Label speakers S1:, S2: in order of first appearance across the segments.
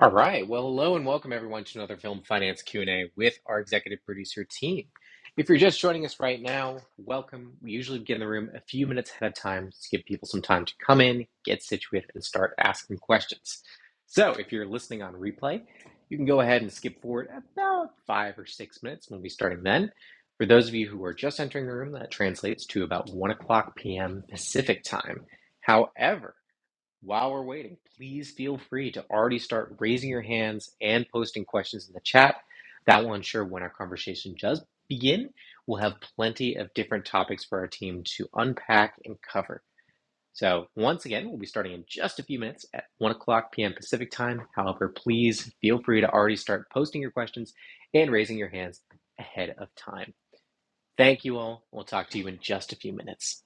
S1: All right. Well, hello and welcome everyone to another Film Finance Q&A with our executive producer team. If you're just joining us right now, welcome. We usually begin the room a few minutes ahead of time to give people some time to come in, get situated, and start asking questions. So if you're listening on replay, you can go ahead and skip forward about five or six minutes. We'll be starting then. For those of you who are just entering the room, that translates to about 1 o'clock p.m. Pacific time. However, while we're waiting, please feel free to already start raising your hands and posting questions in the chat. That will ensure when our conversation does begin, we'll have plenty of different topics for our team to unpack and cover. So, once again, we'll be starting in just a few minutes at 1 o'clock p.m. Pacific time. However, please feel free to already start posting your questions and raising your hands ahead of time. Thank you all. We'll talk to you in just a few minutes.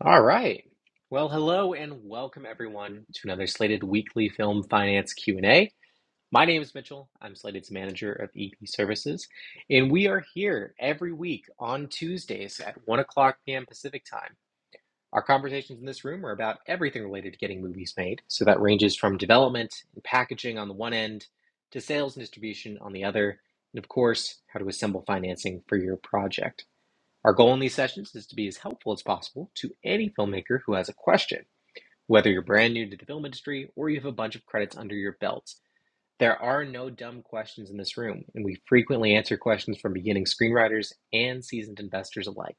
S1: All right. Well, hello and welcome everyone to another Slated Weekly Film Finance Q&A. My name is Mitchell. I'm Slated's manager of EP Services, and we are here every week on Tuesdays at 1 o'clock p.m. Pacific Time. Our conversations in this room are about everything related to getting movies made, so that ranges from development and packaging on the one end to sales and distribution on the other, and of course, how to assemble financing for your project. Our goal in these sessions is to be as helpful as possible to any filmmaker who has a question. Whether you're brand new to the film industry or you have a bunch of credits under your belt, there are no dumb questions in this room, and we frequently answer questions from beginning screenwriters and seasoned investors alike.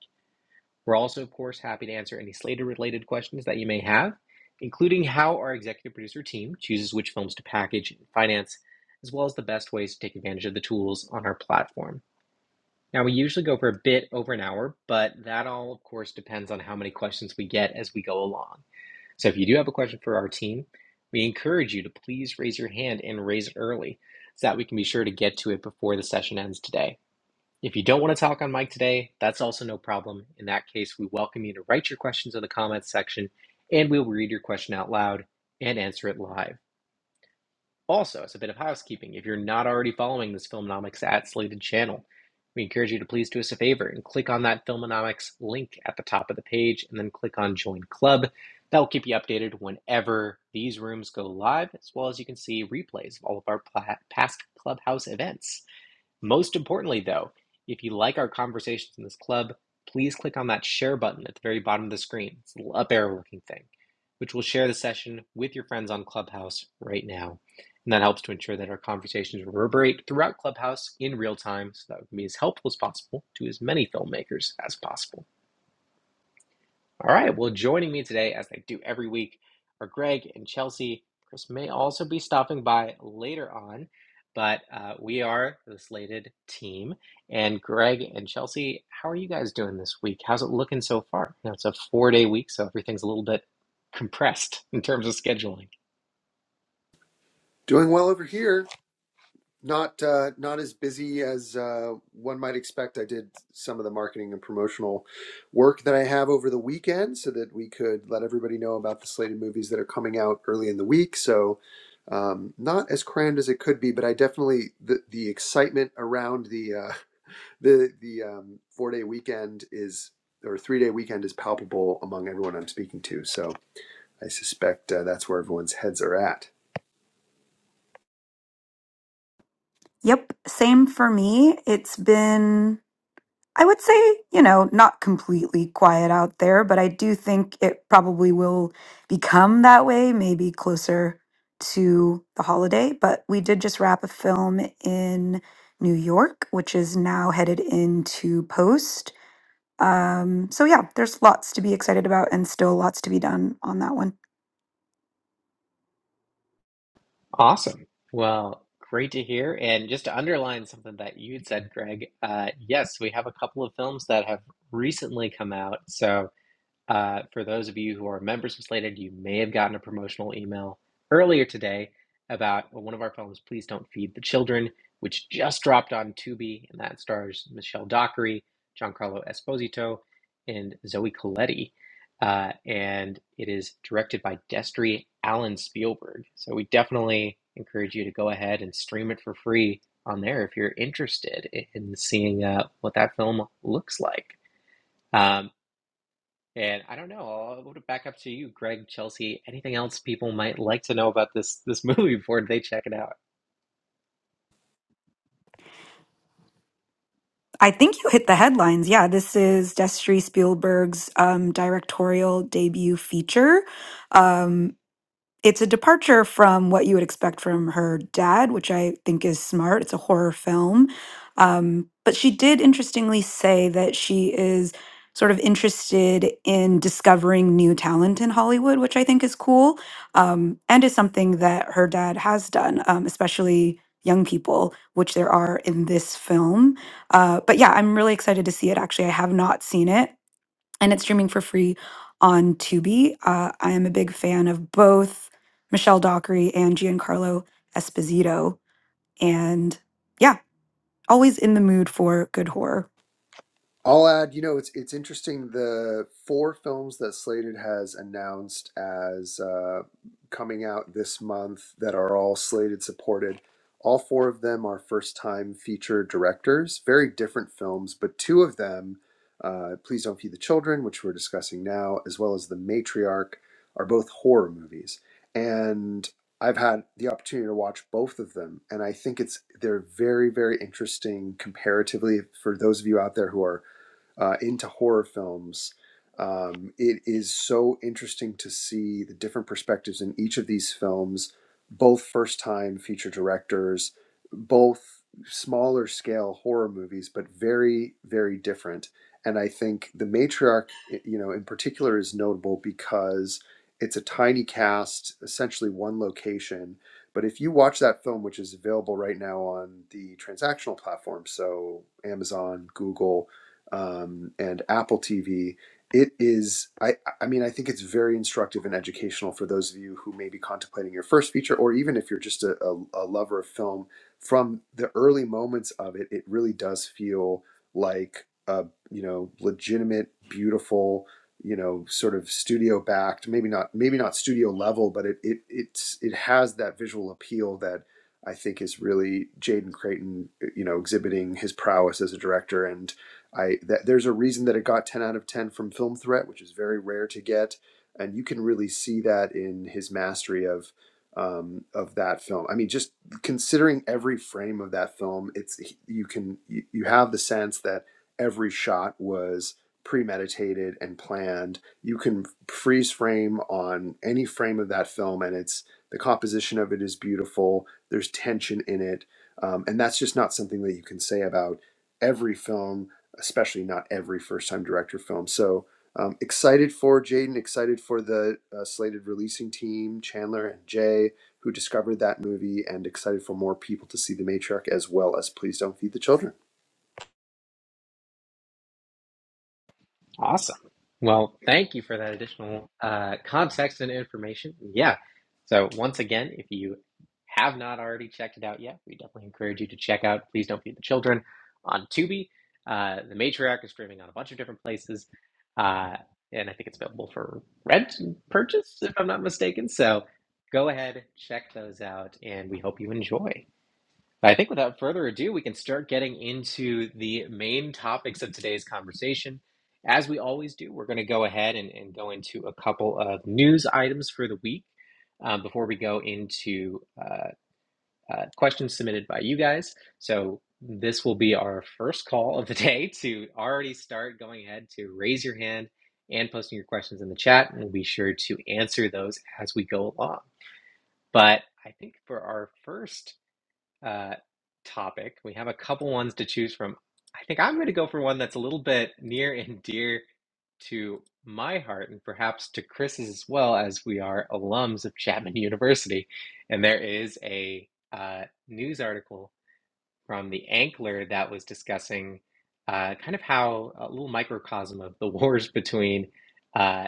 S1: We're also, of course, happy to answer any Slater related questions that you may have, including how our executive producer team chooses which films to package and finance, as well as the best ways to take advantage of the tools on our platform. Now, we usually go for a bit over an hour, but that all, of course, depends on how many questions we get as we go along. So, if you do have a question for our team, we encourage you to please raise your hand and raise it early so that we can be sure to get to it before the session ends today. If you don't want to talk on mic today, that's also no problem. In that case, we welcome you to write your questions in the comments section and we'll read your question out loud and answer it live. Also, as a bit of housekeeping, if you're not already following this Filmonomics at Slated channel, we encourage you to please do us a favor and click on that Filmonomics link at the top of the page and then click on Join Club. That will keep you updated whenever these rooms go live, as well as you can see replays of all of our past Clubhouse events. Most importantly, though, if you like our conversations in this club, please click on that share button at the very bottom of the screen. It's a little up arrow looking thing, which will share the session with your friends on Clubhouse right now. And that helps to ensure that our conversations reverberate throughout Clubhouse in real time so that we can be as helpful as possible to as many filmmakers as possible. All right. Well, joining me today, as they do every week, are Greg and Chelsea. Chris may also be stopping by later on, but uh, we are the slated team. And Greg and Chelsea, how are you guys doing this week? How's it looking so far? You know, it's a four day week, so everything's a little bit compressed in terms of scheduling.
S2: Doing well over here. Not uh, not as busy as uh, one might expect. I did some of the marketing and promotional work that I have over the weekend, so that we could let everybody know about the slated movies that are coming out early in the week. So um, not as crammed as it could be, but I definitely the the excitement around the uh, the the um, four day weekend is or three day weekend is palpable among everyone I'm speaking to. So I suspect uh, that's where everyone's heads are at.
S3: Yep, same for me. It's been, I would say, you know, not completely quiet out there, but I do think it probably will become that way, maybe closer to the holiday. But we did just wrap a film in New York, which is now headed into post. Um, so yeah, there's lots to be excited about and still lots to be done on that one.
S1: Awesome. Well, great to hear. And just to underline something that you would said, Greg, uh, yes, we have a couple of films that have recently come out. So, Uh, for those of you who are members of Slated, you may have gotten a promotional email earlier today about well, one of our films, Please Don't Feed the Children, which just dropped on Tubi, and that stars Michelle Dockery, Giancarlo Esposito, and Zoe Colletti. Uh, and it is directed by Destry Allen Spielberg. So we definitely encourage you to go ahead and stream it for free on there if you're interested in seeing uh, what that film looks like. Um, and I don't know. I'll I'll back up to you, Greg, Chelsea. Anything else people might like to know about this this movie before they check it out?
S3: I think you hit the headlines. Yeah, this is Destry Spielberg's um, directorial debut feature. Um, it's a departure from what you would expect from her dad, which I think is smart. It's a horror film. Um, but she did interestingly say that she is sort of interested in discovering new talent in Hollywood, which I think is cool um, and is something that her dad has done, um, especially young people, which there are in this film. Uh, but yeah, I'm really excited to see it. Actually, I have not seen it and it's streaming for free on Tubi. Uh, I am a big fan of both Michelle Dockery and Giancarlo Esposito, and yeah, always in the mood for good horror.
S2: I'll add, you know, it's it's interesting the four films that Slated has announced as uh, coming out this month that are all Slated supported. All four of them are first time feature directors, very different films, but two of them, uh, Please Don't Feed the Children, which we're discussing now, as well as The Matriarch, are both horror movies. And I've had the opportunity to watch both of them, and I think it's they're very, very interesting comparatively for those of you out there who are uh, into horror films. Um, it is so interesting to see the different perspectives in each of these films, both first time feature directors, both smaller scale horror movies, but very, very different. And I think The Matriarch, you know, in particular is notable because it's a tiny cast, essentially one location. But if you watch that film, which is available right now on the transactional platform, so Amazon, Google, um, and Apple TV. It is, I, I mean, I think it's very instructive and educational for those of you who may be contemplating your first feature, or even if you're just a, a, a lover of film. From the early moments of it, it really does feel like a, you know, legitimate, beautiful, you know, sort of studio backed, maybe not, maybe not studio level, but it, it, it's, it has that visual appeal that I think is really Jaden Creighton, you know, exhibiting his prowess as a director and I that there's a reason that it got 10 out of 10 from Film Threat, which is very rare to get, and you can really see that in his mastery of um, of that film. I mean, just considering every frame of that film, it's you can you have the sense that every shot was premeditated and planned. You can freeze frame on any frame of that film, and it's the composition of it is beautiful. There's tension in it, um, and that's just not something that you can say about every film especially not every first time director film. So um, excited for Jaden, excited for the uh, slated releasing team, Chandler and Jay, who discovered that movie, and excited for more people to see The Matriarch as well as Please Don't Feed the Children.
S1: Awesome. Well, thank you for that additional uh, context and information. Yeah. So, once again, if you have not already checked it out yet, we definitely encourage you to check out Please Don't Feed the Children on Tubi. Uh, the Matriarch is streaming on a bunch of different places. Uh, and I think it's available for rent and purchase, if I'm not mistaken. So, go ahead, check those out, and we hope you enjoy. I think without further ado, we can start getting into the main topics of today's conversation. As we always do, we're going to go ahead and, and go into a couple of news items for the week um, before we go into uh, uh, questions submitted by you guys. So, this will be our first call of the day to already start going ahead to raise your hand and posting your questions in the chat. And we'll be sure to answer those as we go along. But I think for our first uh, topic. We have a couple ones to choose from. I think I'm going to go for one that's a little bit near and dear to my heart and perhaps to Chris's as well, as we are alums of Chapman University. And there is a uh, news article from the Ankler that was discussing uh, kind of how a little microcosm of the wars between. uh,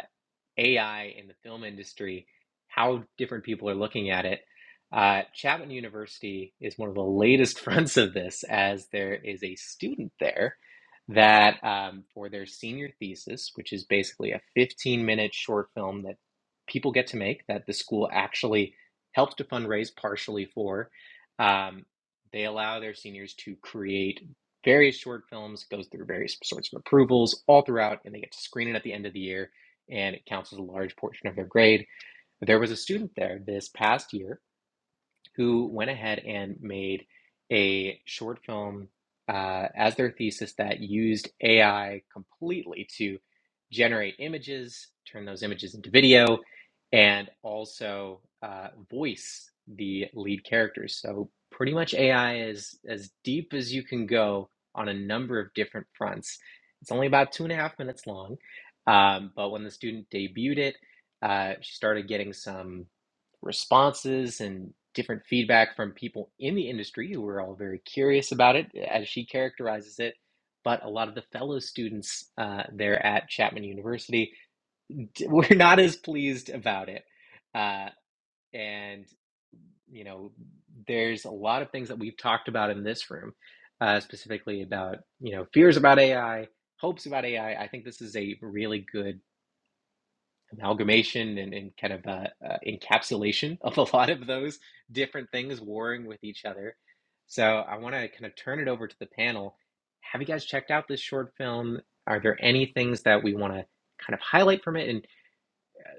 S1: AI in the film industry, how different people are looking at it. Uh, Chapman University is one of the latest fronts of this, as there is a student there that, um, for their senior thesis, which is basically a 15 minute short film that people get to make, that the school actually helps to fundraise partially for, um, they allow their seniors to create various short films, goes through various sorts of approvals all throughout, and they get to screen it at the end of the year and it counts as a large portion of their grade. There was a student there this past year who went ahead and made a short film uh, as their thesis that used AI completely to generate images, turn those images into video, and also uh, voice the lead characters. So pretty much AI is as deep as you can go on a number of different fronts. It's only about two and a half minutes long, um, but when the student debuted it, uh, she started getting some responses and different feedback from people in the industry who are all very curious about it, eh, as she characterizes it. But a lot of the fellow students uh, there at Chapman University d- were not as pleased about it. Uh, and, you know, there's a lot of things that we've talked about in this room, uh, specifically about, you know, fears about AI, hopes about AI. I I think this is a really good amalgamation and, and kind of uh, uh, encapsulation of a lot of those different things warring with each other. So I want to kind of turn it over to the panel. Have you guys checked out this short film? Are there any things that we want to kind of highlight from it? And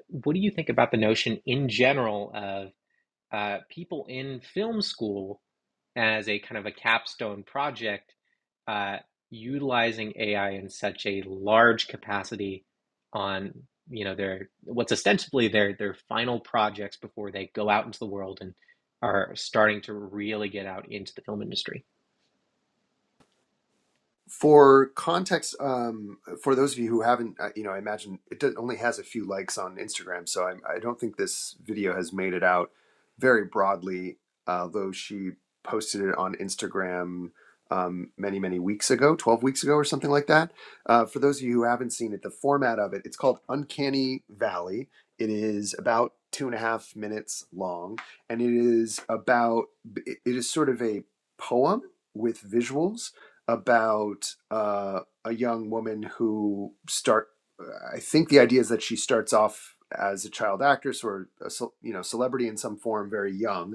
S1: what do you think about the notion in general of uh, people in film school? as a kind of a capstone project, uh, utilizing AI in such a large capacity on you know their what's ostensibly their their final projects before they go out into the world and are starting to really get out into the film industry.
S2: For context, um, for those of you who haven't, uh, you know, I imagine it do- only has a few likes on Instagram, so I'm, I i do not think this video has made it out very broadly, uh, though she posted it on Instagram um, many, many weeks ago, 12 weeks ago or something like that. Uh, for those of you who haven't seen it, the format of it, it's called Uncanny Valley. It is about two and a half minutes long, and it is about, it is sort of a poem with visuals about uh, a young woman who start. I think the idea is that she starts off as a child actress or a, ce- you know celebrity in some form very young,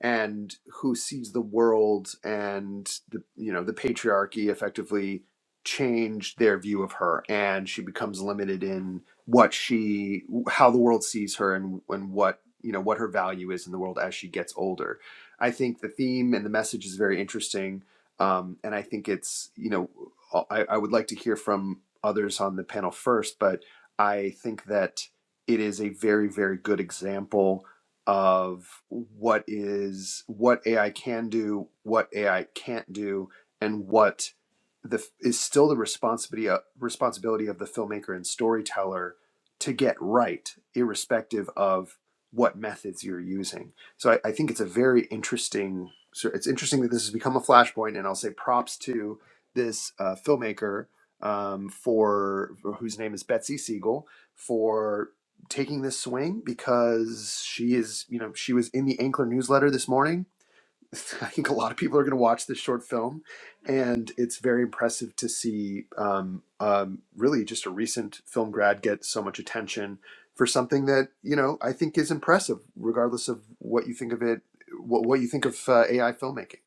S2: and who sees the world and the you know the patriarchy effectively change their view of her and she becomes limited in what she how the world sees her and and what you know what her value is in the world as she gets older i think the theme and the message is very interesting um, and i think it's you know I, I would like to hear from others on the panel first but i think that it is a very very good example of what is what AI can do, what AI can't do, and what the is still the responsibility uh, responsibility of the filmmaker and storyteller to get right, irrespective of what methods you're using. So I, I think it's a very interesting. So it's interesting that this has become a flashpoint, and I'll say props to this uh, filmmaker um, for whose name is Betsy Siegel for taking this swing because she is, you know, she was in the Ankler newsletter this morning I think a lot of people are going to watch this short film, and it's very impressive to see um, um, really just a recent film grad get so much attention for something that you know I think is impressive, regardless of what you think of it, what, what you think of uh, AI filmmaking.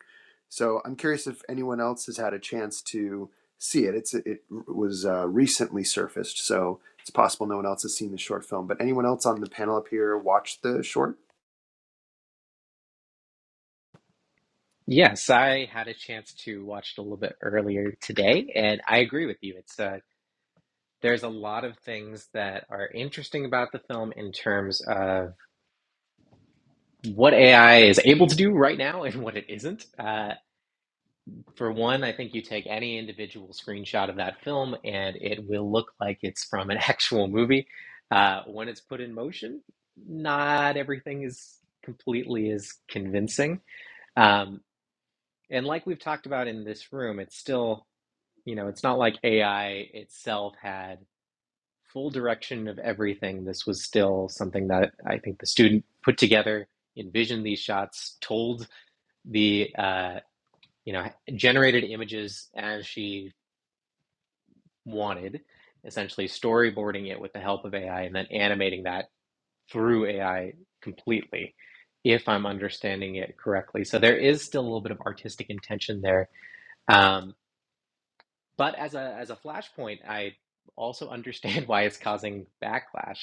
S2: So I'm curious if anyone else has had a chance to see it. It's it was uh, recently surfaced, so it's possible no one else has seen the short film. But anyone else on the panel up here watched the short?
S1: Yes, I had a chance to watch it a little bit earlier today, and I agree with you. It's uh, there's a lot of things that are interesting about the film in terms of what AI is able to do right now and what it isn't. Uh, For one, I think you take any individual screenshot of that film and it will look like it's from an actual movie. Uh, when it's put in motion, not everything is completely as convincing. Um, and like we've talked about in this room, it's still, you know, it's not like AI itself had full direction of everything. This was still something that I think the student put together, envisioned these shots, told the, uh, you know, generated images as she wanted, essentially storyboarding it with the help of AI and then animating that through AI completely, if I'm understanding it correctly. So there is still a little bit of artistic intention there. Um, but as a as a flashpoint, I also understand why it's causing backlash.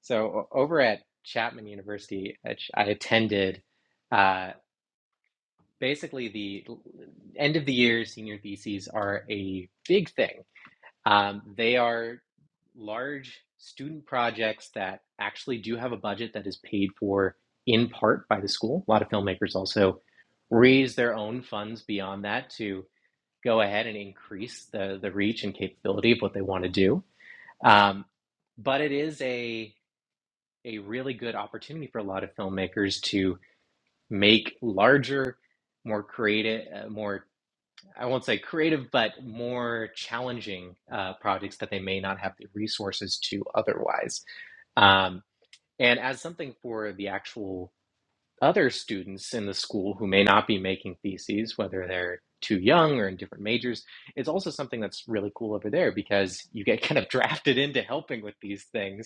S1: So over at Chapman University, I attended, uh, basically the end of the year senior theses are a big thing Um, they are large student projects that actually do have a budget that is paid for in part by the school. A lot of filmmakers also raise their own funds beyond that to go ahead and increase the, the reach and capability of what they want to do. Um, but it is a, a really good opportunity for a lot of filmmakers to make larger, more creative, uh, more I won't say creative, but more challenging uh, projects that they may not have the resources to otherwise. Um, and as something for the actual other students in the school who may not be making theses, whether they're too young or in different majors, it's also something that's really cool over there because you get kind of drafted into helping with these things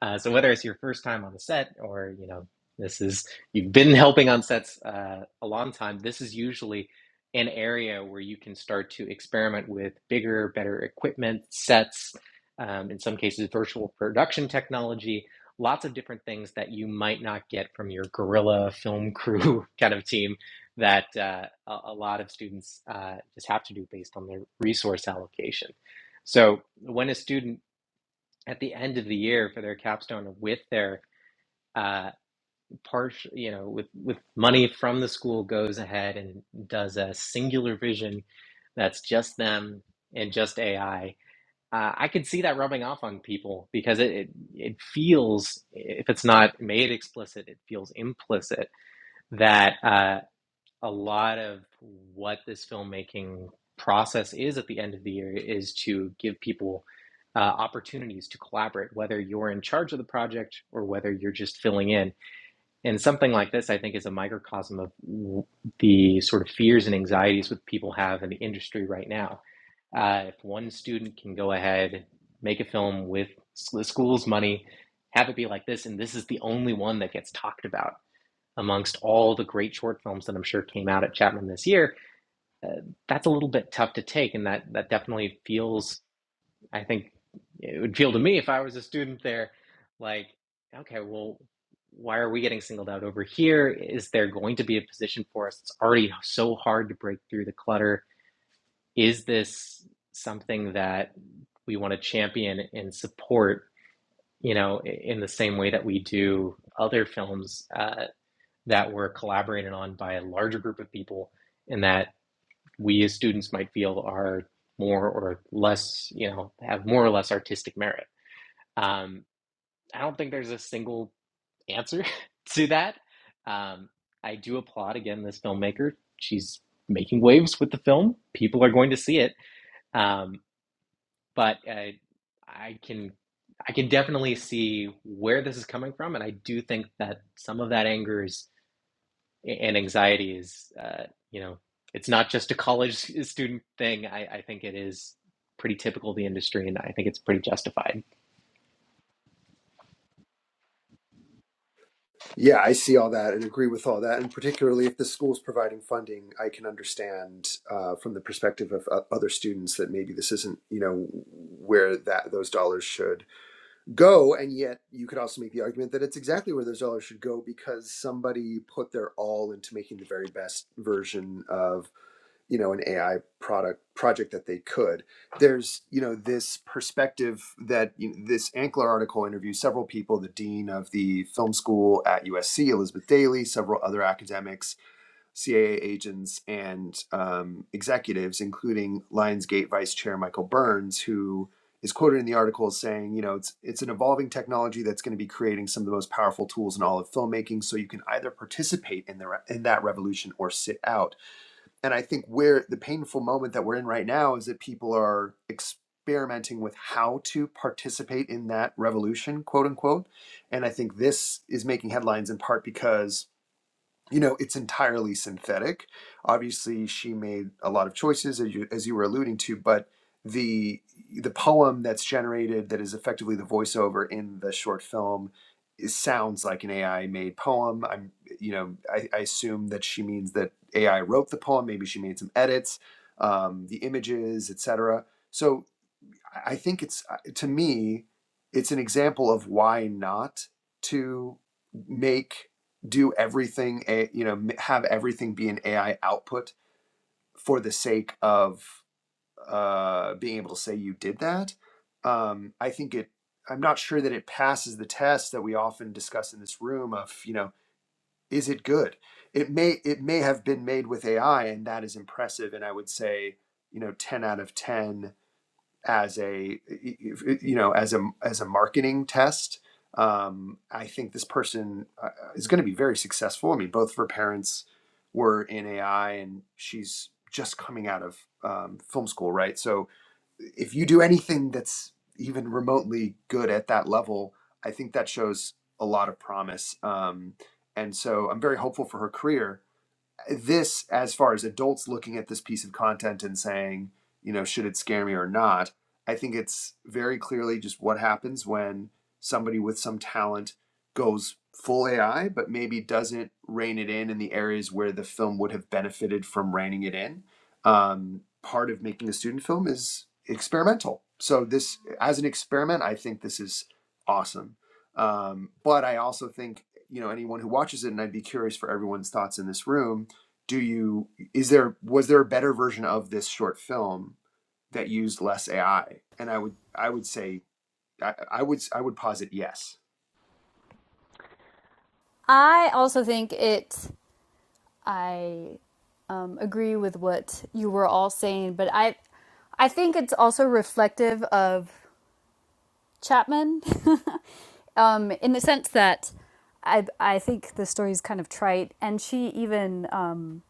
S1: uh, so whether it's your first time on the set or you know this is you've been helping on sets uh, a long time, this is usually an area where you can start to experiment with bigger, better equipment sets. Um, in some cases, virtual production technology, lots of different things that you might not get from your guerrilla film crew kind of team that uh, a, a lot of students uh, just have to do based on their resource allocation. So when a student at the end of the year for their capstone with their uh, partial, you know, with with money from the school goes ahead and does a singular vision that's just them and just AI. Uh, I could see that rubbing off on people because it, it it feels if it's not made explicit, it feels implicit that. uh, a lot of what this filmmaking process is at the end of the year is to give people uh, opportunities to collaborate, whether you're in charge of the project or whether you're just filling in. And something like this, I think, is a microcosm of the sort of fears and anxieties that people have in the industry right now. Uh, if one student can go ahead, make a film with the school's money, have it be like this, and this is the only one that gets talked about amongst all the great short films that I'm sure came out at Chapman this year, uh, that's a little bit tough to take, and that that definitely feels. I think it would feel to me if I was a student there, like, okay, well, why are we getting singled out over here? Is there going to be a position for us? It's already so hard to break through the clutter. Is this something that we want to champion and support? You know, in the same way that we do other films uh, that were collaborated on by a larger group of people and that we as students might feel are more or less, you know, have more or less artistic merit. Um, I don't think there's a single answer to that. Um, I do applaud again this filmmaker. She's making waves with the film. People are going to see it. Um, but uh, I can I can definitely see where this is coming from, and I do think that some of that anger is and anxiety is uh, you know it's not just a college student thing I, I think it is pretty typical of the industry and i think it's pretty justified
S2: Yeah, I see all that and agree with all that. And particularly if the school's providing funding, I can understand uh, from the perspective of uh, other students that maybe this isn't, you know, where that those dollars should go. And yet, you could also make the argument that it's exactly where those dollars should go because somebody put their all into making the very best version of you know an AI product project that they could. There's you know this perspective that you know, this Ankler article interviews several people, the dean of the film school at USC, Elizabeth Daly, several other academics, CAA agents, and um, executives, including Lionsgate vice chair Michael Burns, who is quoted in the article as saying, you know, it's it's an evolving technology that's going to be creating some of the most powerful tools in all of filmmaking. So you can either participate in the re- in that revolution or sit out and I think where the painful moment that we're in right now is that people are experimenting with how to participate in that revolution, quote unquote. And I think this is making headlines in part because you know it's entirely synthetic obviously she made a lot of choices as you, as you were alluding to but the the poem that's generated that is effectively the voiceover in the short film is, sounds like an ai made poem i'm you know I, I assume that she means that ai wrote the poem maybe she made some edits um, the images etc so I think it's uh, to me, it's an example of why not to make do everything you know have everything be an AI output for the sake of uh, being able to say you did that. Um, I think it. I'm not sure that it passes the test that we often discuss in this room of you know is it good? It may it may have been made with AI and that is impressive and I would say you know 10 out of 10 as a you know as a as a marketing test um, i think this person uh, is going to be very successful i mean both of her parents were in ai and she's just coming out of um, film school right so if you do anything that's even remotely good at that level i think that shows a lot of promise um, and so i'm very hopeful for her career this as far as adults looking at this piece of content and saying you know should it scare me or not i think it's very clearly just what happens when somebody with some talent goes full ai but maybe doesn't rein it in in the areas where the film would have benefited from reining it in um, part of making a student film is experimental so this as an experiment i think this is awesome um, but i also think you know anyone who watches it and i'd be curious for everyone's thoughts in this room do you is there was there a better version of this short film that used less AI? And I would I would say I, I would I would posit yes.
S4: I also think it. I um, agree with what you were all saying, but I, I think it's also reflective of Chapman, um, in the sense that I, I think the story is kind of trite, and she even um,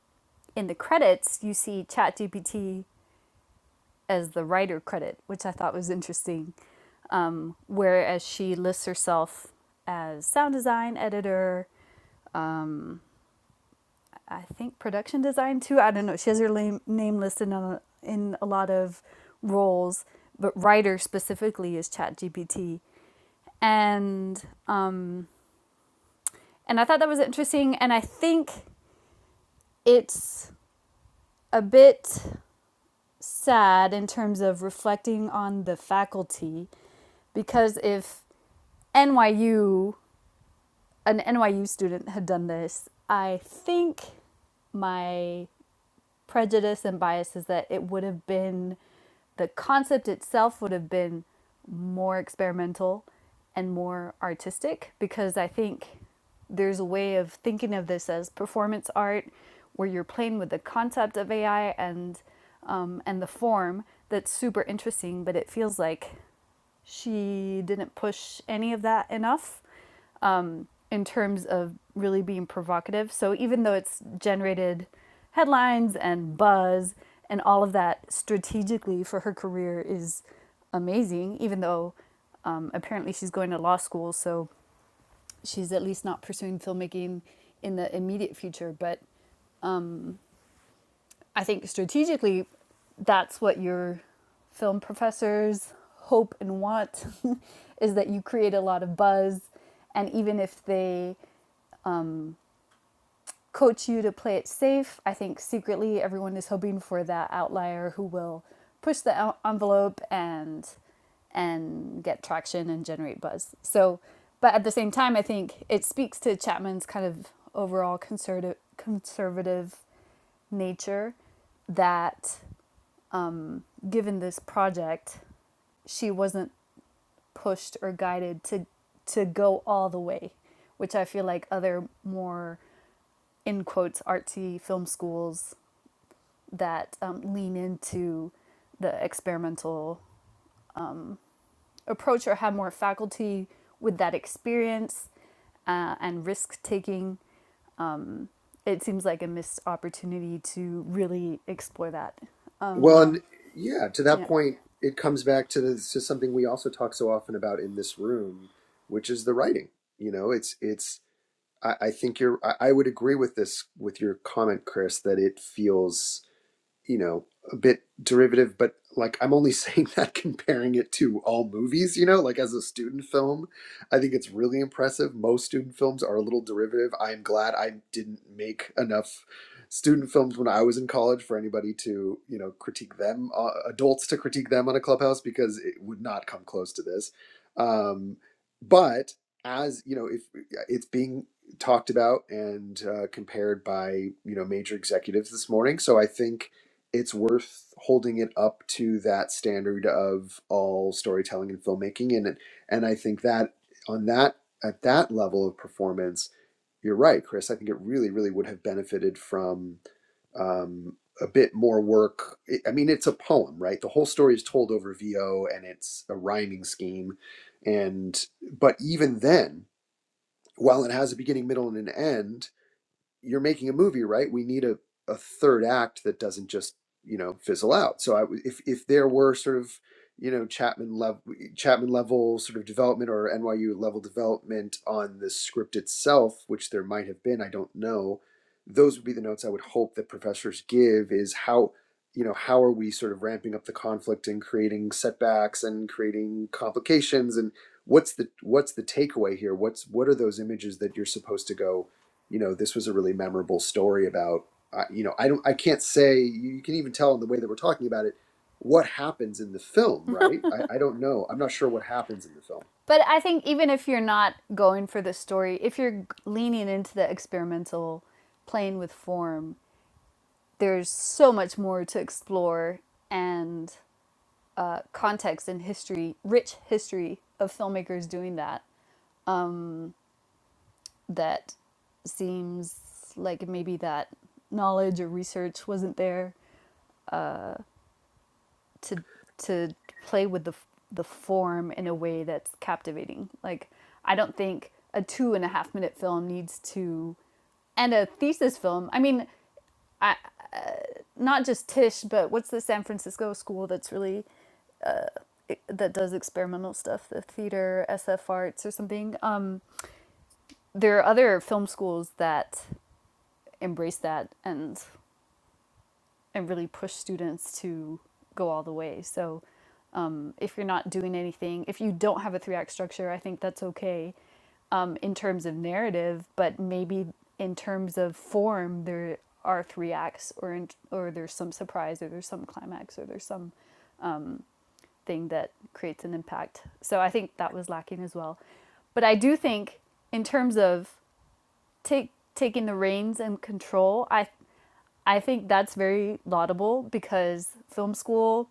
S4: in the credits you see ChatGPT as the writer credit, which I thought was interesting. Um, whereas she lists herself as sound design editor, um, I think production design too. I don't know. She has her name name listed on, in a lot of roles, but writer specifically is ChatGPT. And um, and I thought that was interesting. And I think it's a bit sad in terms of reflecting on the faculty because if NYU, an NYU student had done this, I think my prejudice and bias is that it would have been the concept itself would have been more experimental and more artistic because I think there's a way of thinking of this as performance art where you're playing with the concept of AI and um, and the form that's super interesting, but it feels like she didn't push any of that enough um, in terms of really being provocative. So even though it's generated headlines and buzz and all of that strategically for her career is amazing, even though um, apparently she's going to law school, so she's at least not pursuing filmmaking in the immediate future. But I think strategically, that's what your film professors hope and want is that you create a lot of buzz. And even if they coach you to play it safe. I think secretly everyone is hoping for that outlier who will push the envelope and and get traction and generate buzz. So, but at the same time, I think it speaks to Chapman's kind of overall conservative conservative nature that um, given this project, she wasn't pushed or guided to to go all the way, which I feel like other more in quotes artsy film schools that um, lean into the experimental approach or have more faculty with that experience uh, and risk taking. Um, it seems like a missed opportunity to really explore that.
S2: Well, and
S4: Um,
S2: yeah, to that
S4: yeah.
S2: point, it comes back to this, to something we also talk so often about in this room, which is the writing. You know, it's it's. I, I think you're. I, I would agree with this with your comment, Chris, that it feels you know, a bit derivative, but like I'm only saying that comparing it to all movies, you know, like as a student film, I think it's really impressive. Most student films are a little derivative. I'm glad I didn't make enough student films when I was in college for anybody to, you know, critique them, uh, adults to critique them on a clubhouse because it would not come close to this. Um, but as, you know, if yeah, it's being talked about and uh, compared by, you know, major executives this morning, so I think it's worth holding it up to that standard of all storytelling and filmmaking and and I think that on that at that level of performance you're right Chris I think it really really would have benefited from um, a bit more work I I mean it's a poem right the whole story is told over VO and it's a rhyming scheme and but even then while it has a beginning middle and an end you're making a movie, right? We need a, a third act that doesn't just, you know, fizzle out. So I if, if there were sort of, you know, Chapman level, Chapman level sort of development or NYU level development on the script itself, which there might have been, I don't know. Those would be the notes I would hope that professors give is how, you know, how are we sort of ramping up the conflict and creating setbacks and creating complications and what's the what's the takeaway here? What's what are those images that you're supposed to go you know this was a really memorable story about uh, you know i don't i can't say you can even tell in the way that we're talking about it what happens in the film right i, I don't know i'm not sure what happens in the film
S4: But I think even if you're not going for the story, if you're leaning into the experimental, playing with form, there's so much more to explore and uh, context and history, rich history of filmmakers doing that, that seems like maybe that knowledge or research wasn't there to to play with the the form in a way that's captivating. Like I don't think a two and a half minute film needs to and a thesis film. I mean, I, not just Tish, but what's the San Francisco school that's really that does experimental stuff, the theater, SF arts, or something. Um, there are other film schools that embrace that and and really push students to go all the way. So um, if you're not doing anything, if you don't have a three act structure, I think that's okay um, in terms of narrative, but maybe in terms of form, there are three acts, or in, or there's some surprise, or there's some climax, or there's some thing that creates an impact. So I think that was lacking as well. But I do think in terms of take taking the reins and control. I I think that's very laudable because film school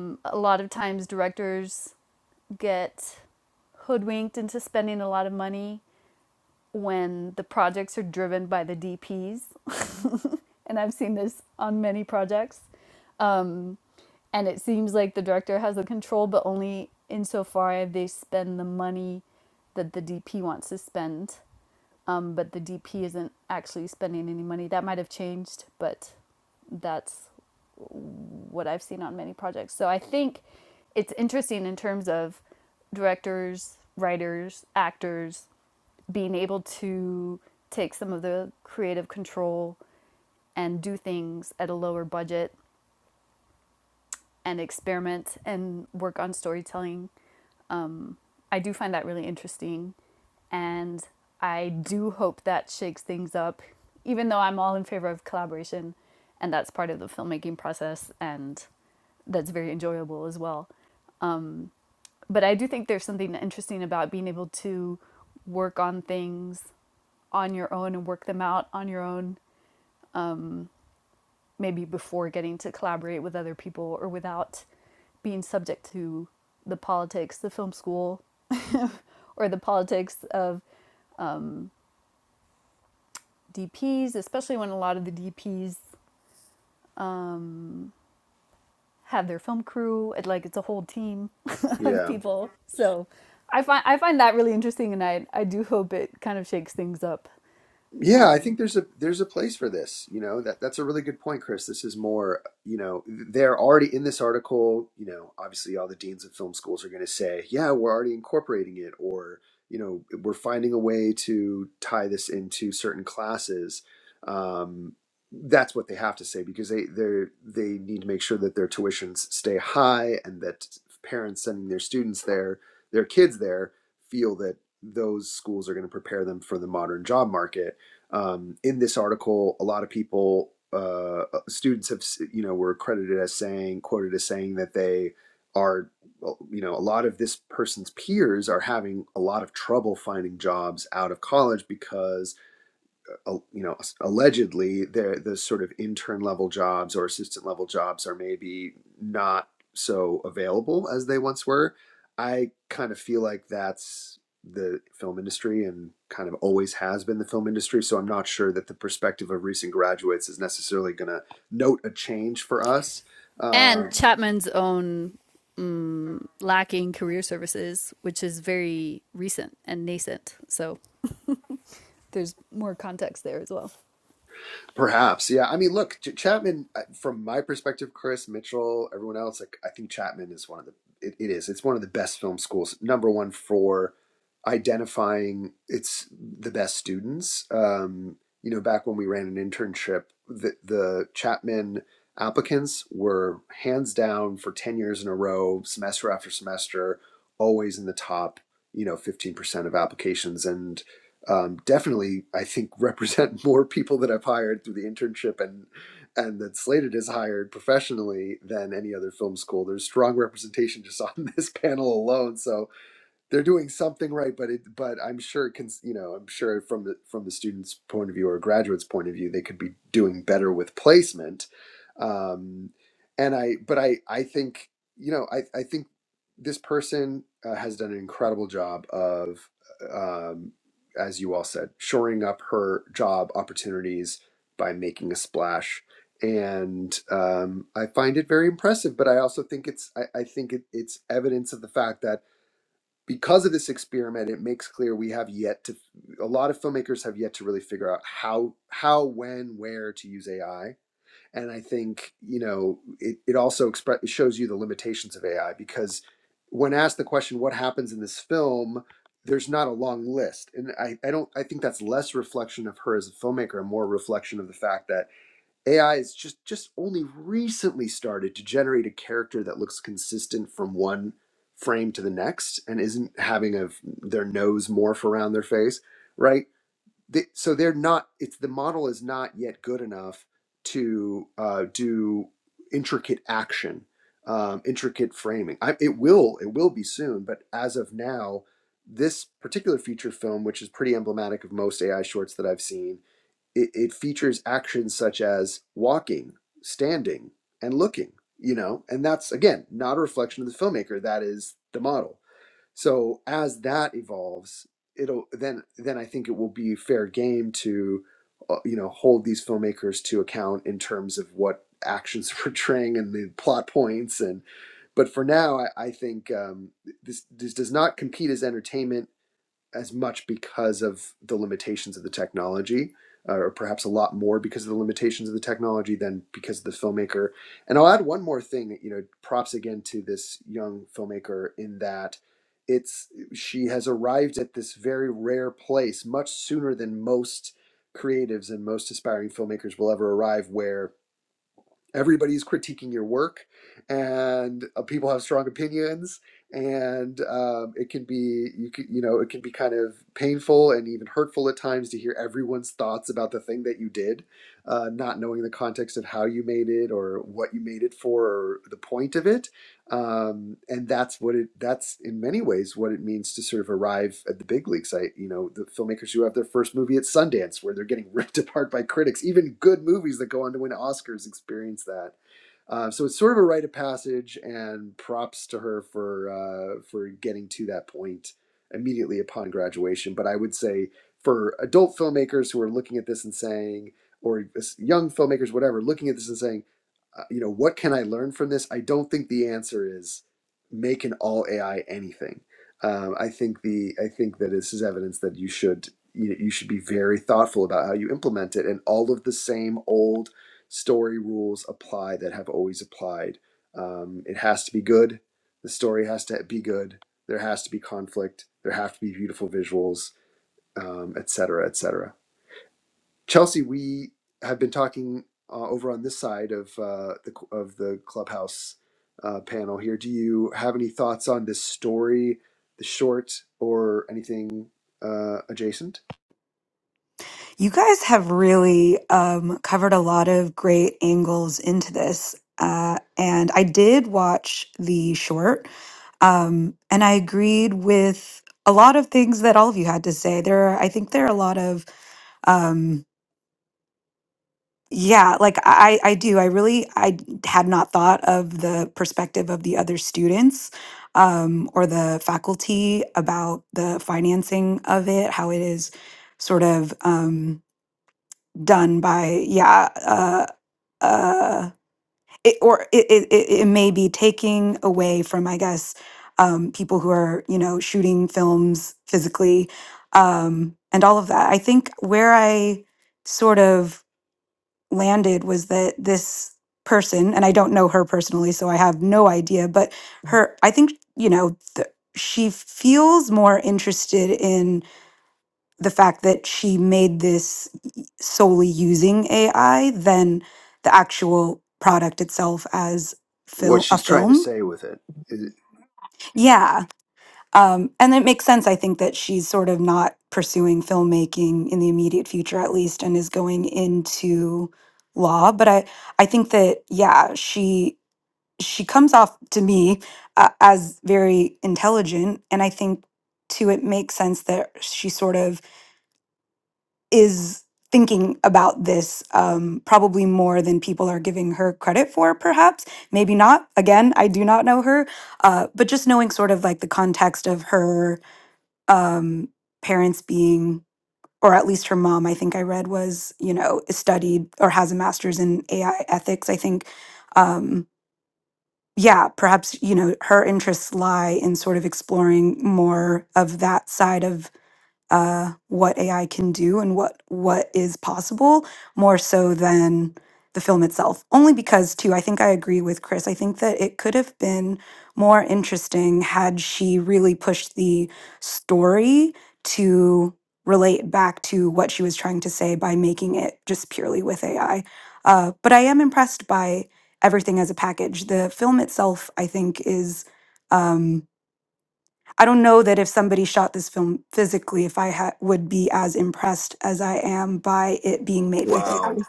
S4: mm, a lot of times directors get hoodwinked into spending a lot of money when the projects are driven by the DPs. And I've seen this on many projects. And it seems like the director has the control, but only insofar as they spend the money that the DP wants to spend. um, but the DP isn't actually spending any money. That might have changed, but that's what I've seen on many projects. So I think it's interesting in terms of directors, writers, actors being able to take some of the creative control and do things at a lower budget and experiment and work on storytelling I do find that really interesting. And I do hope that shakes things up, even though I'm all in favor of collaboration. And that's part of the filmmaking process. And that's very enjoyable as well. But I do think there's something interesting about being able to work on things on your own and work them out on your own, maybe before getting to collaborate with other people or without being subject to the politics, the film school, or the politics of DPs, especially when a lot of the DPs um, have their film crew. It, like it's a whole team of
S2: Yeah.
S4: people. So I find I find that really interesting, and I I do hope it kind of shakes things up.
S2: Yeah, I think
S4: Um,
S2: there's a there's a place for this. You know, that that's a really good point, Chris. This is more, you know, they're already in this article, you know, obviously all the deans of film schools are going to say, "Yeah, we're already incorporating it," or, you know, we're finding a way to tie this into certain classes. Um, that's what they have to say because they they they need to make sure that their tuitions stay high and that parents sending their students there, their kids there feel that those schools are going to prepare them for the modern job market um, in this article, a lot of people, uh, students have, you know, were credited as saying, quoted as saying that they are, well, you know, a lot of this person's peers are having a lot of trouble finding jobs out of college because you know allegedly there the sort of intern level jobs or assistant level jobs are maybe not so available as they once were i kind of feel like that's the film industry and kind of always has been the film industry so i'm not sure that the perspective of recent graduates is necessarily going to note a change for us Uh,
S4: and Chapman's own mm, lacking career services, which is very recent and nascent. So there's more context there as well.
S2: Perhaps, yeah. I mean, look, Ch- Chapman. uh, From my perspective, Chris Mitchell, everyone else, like I think Chapman is one of the. It, it is. It's one of the best film schools. Number one for identifying it's the best students. Um, you know, back when we ran an internship, the, the Chapman applicants were hands down for ten years in a row, semester after semester, always in the top. You know, fifteen percent of applications, and um, definitely I think represent more people that I've hired through the internship and and that Slated has hired professionally than any other film school. There's strong representation just on this panel alone. So they're doing something right, but it, but I'm sure it can, you know, I'm sure from the from the student's point of view or graduate's point of view, they could be doing better with placement. Um, and I, but I, I think, you know, I, I think this person uh, has done an incredible job of, um, as you all said, shoring up her job opportunities by making a splash. And um, I find it very impressive, but I also think it's, I, I think it, it's evidence of the fact that because of this experiment, it makes clear we have yet to a lot of filmmakers have yet to really figure out how how when where to use AI. And I think you know it it also expre- it shows you the limitations of AI because when asked the question what happens in this film, there's not a long list, and I I don't I think that's less reflection of her as a filmmaker and more reflection of the fact that AI is just just only recently started to generate a character that looks consistent from one frame to the next and isn't having a their nose morph around their face, right? They, so they're not. It's the model is not yet good enough to uh, do intricate action, um, intricate framing. I, it will it will be soon, but as of now, this particular feature film, which is pretty emblematic of most AI shorts that I've seen it, it features actions such as walking, standing, and looking, you know, and that's again not a reflection of the filmmaker, that is the model. So as that evolves, it'll then then I think it will be fair game to uh, you know hold these filmmakers to account in terms of what actions they're portraying and the plot points and but for now I, I think um, this this does not compete as entertainment as much because of the limitations of the technology, uh, or perhaps a lot more because of the limitations of the technology than because of the filmmaker. And I'll add one more thing, you know, props again to this young filmmaker in that it's she has arrived at this very rare place much sooner than most creatives and most aspiring filmmakers will ever arrive where everybody's critiquing your work and uh, people have strong opinions and um, it can be you can, you know it can be kind of painful and even hurtful at times to hear everyone's thoughts about the thing that you did uh, not knowing the context of how you made it or what you made it for or the point of it um, and that's what it that's in many ways what it means to sort of arrive at the big leagues i you know the filmmakers who have their first movie at sundance where they're getting ripped apart by critics even good movies that go on to win oscars experience that uh, so it's sort of a rite of passage and props to her for uh, for getting to that point immediately upon graduation but i would say for adult filmmakers who are looking at this and saying or young filmmakers whatever looking at this and saying uh, you know, what can I learn from this? I don't think the answer is make an all AI anything. Um, I think the I think that this is evidence that you should you, you should be very thoughtful about how you implement it, and all of the same old story rules apply that have always applied. Um, it has to be good. The story has to be good. There has to be conflict. There have to be beautiful visuals, um, et cetera, et cetera. Chelsea, we have been talking uh, over on this side of uh, the of the clubhouse uh, panel here. Do you have any thoughts on this story, the short, or anything uh, adjacent?
S3: You guys have really um, covered a lot of great angles into this, uh, and I did watch the short, um, and I agreed with a lot of things that all of you had to say. There, are, I think, there are a lot of. Um, Yeah, like I I do. I really I had not thought of the perspective of the other students um or the faculty about the financing of it, how it is sort of um done by yeah, uh uh it, or it, it it it may be taking away from I guess um people who are, you know, shooting films physically um and all of that. I think where I sort of landed was that this person, and I don't know her personally, so I have no idea, but her, I think, you know, th- she feels more interested in the fact that she made this solely using AI than the actual product itself as
S2: What
S3: film a
S2: she's trying to
S3: film.
S2: say with it. Is it,
S3: Yeah, um, and it makes sense, I think, that she's sort of not pursuing filmmaking in the immediate future, at least, and is going into law. But I, I think that yeah, she she comes off to me uh, as very intelligent, and I think too it makes sense that she sort of is thinking about this um, probably more than people are giving her credit for perhaps maybe not again i do not know her uh, but just knowing sort of like the context of her um, parents being, or at least her mom, I think I read was, you know, studied or has a master's in AI ethics. I think, um, yeah, perhaps, you know, her interests lie in sort of exploring more of that side of uh, what AI can do and what what is possible more so than the film itself. Only because, too, I think I agree with Chris. I think that it could have been more interesting had she really pushed the story to relate back to what she was trying to say by making it just purely with AI. Uh, but I am impressed by everything as a package. The film itself, I think, is. Um, I don't know that if somebody shot this film physically, if I ha- would be as impressed as I am by it being made with
S2: Wow.
S3: AI.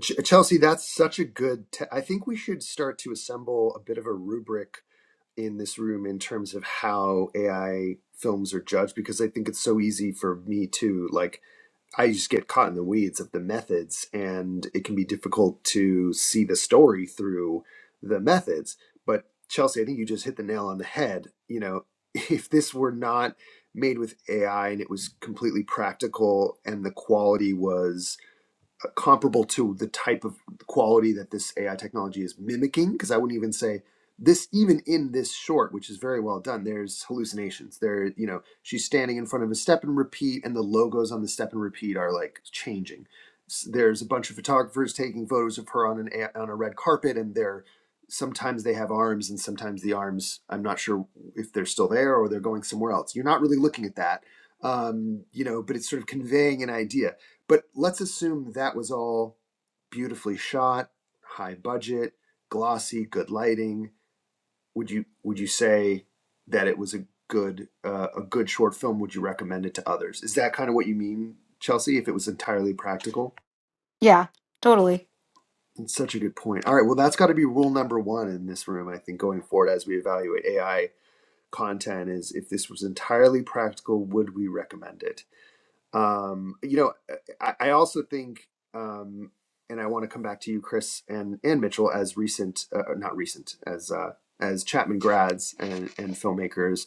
S2: Ch- Chelsea, that's such a good. Te- I think we should start to assemble a bit of a rubric in this room in terms of how AI films are judged because I think it's so easy for me too. Like I just get caught in the weeds of the methods, and it can be difficult to see the story through the methods. But Chelsea, I think you just hit the nail on the head. You know, if this were not made with AI and it was completely practical and the quality was comparable to the type of quality that this AI technology is mimicking. Because I wouldn't even say this, even in this short, which is very well done. There's hallucinations. There, you know, she's standing in front of a step and repeat, and the logos on the step and repeat are like changing. S- There's a bunch of photographers taking photos of her on an a- on a red carpet, and they're sometimes they have arms, and sometimes the arms. I'm not sure if they're still there or they're going somewhere else. You're not really looking at that. Um, you know, but it's sort of conveying an idea but let's assume that was all beautifully shot, high budget, glossy, good lighting. Would you would you say that it was a good uh, a good short film? Would you recommend it to others? Is that kind of what you mean, Chelsea? If it was entirely practical,
S3: Yeah, totally.
S2: it's such a good point. All right, well that's got to be rule number one in this room. I think going forward as we evaluate AI content is if this was entirely practical, would we recommend it? Um, you know, uh, I, I also think, um, and I want to come back to you, Chris and and Mitchell, as recent, uh, not recent, as uh, as Chapman grads and and filmmakers,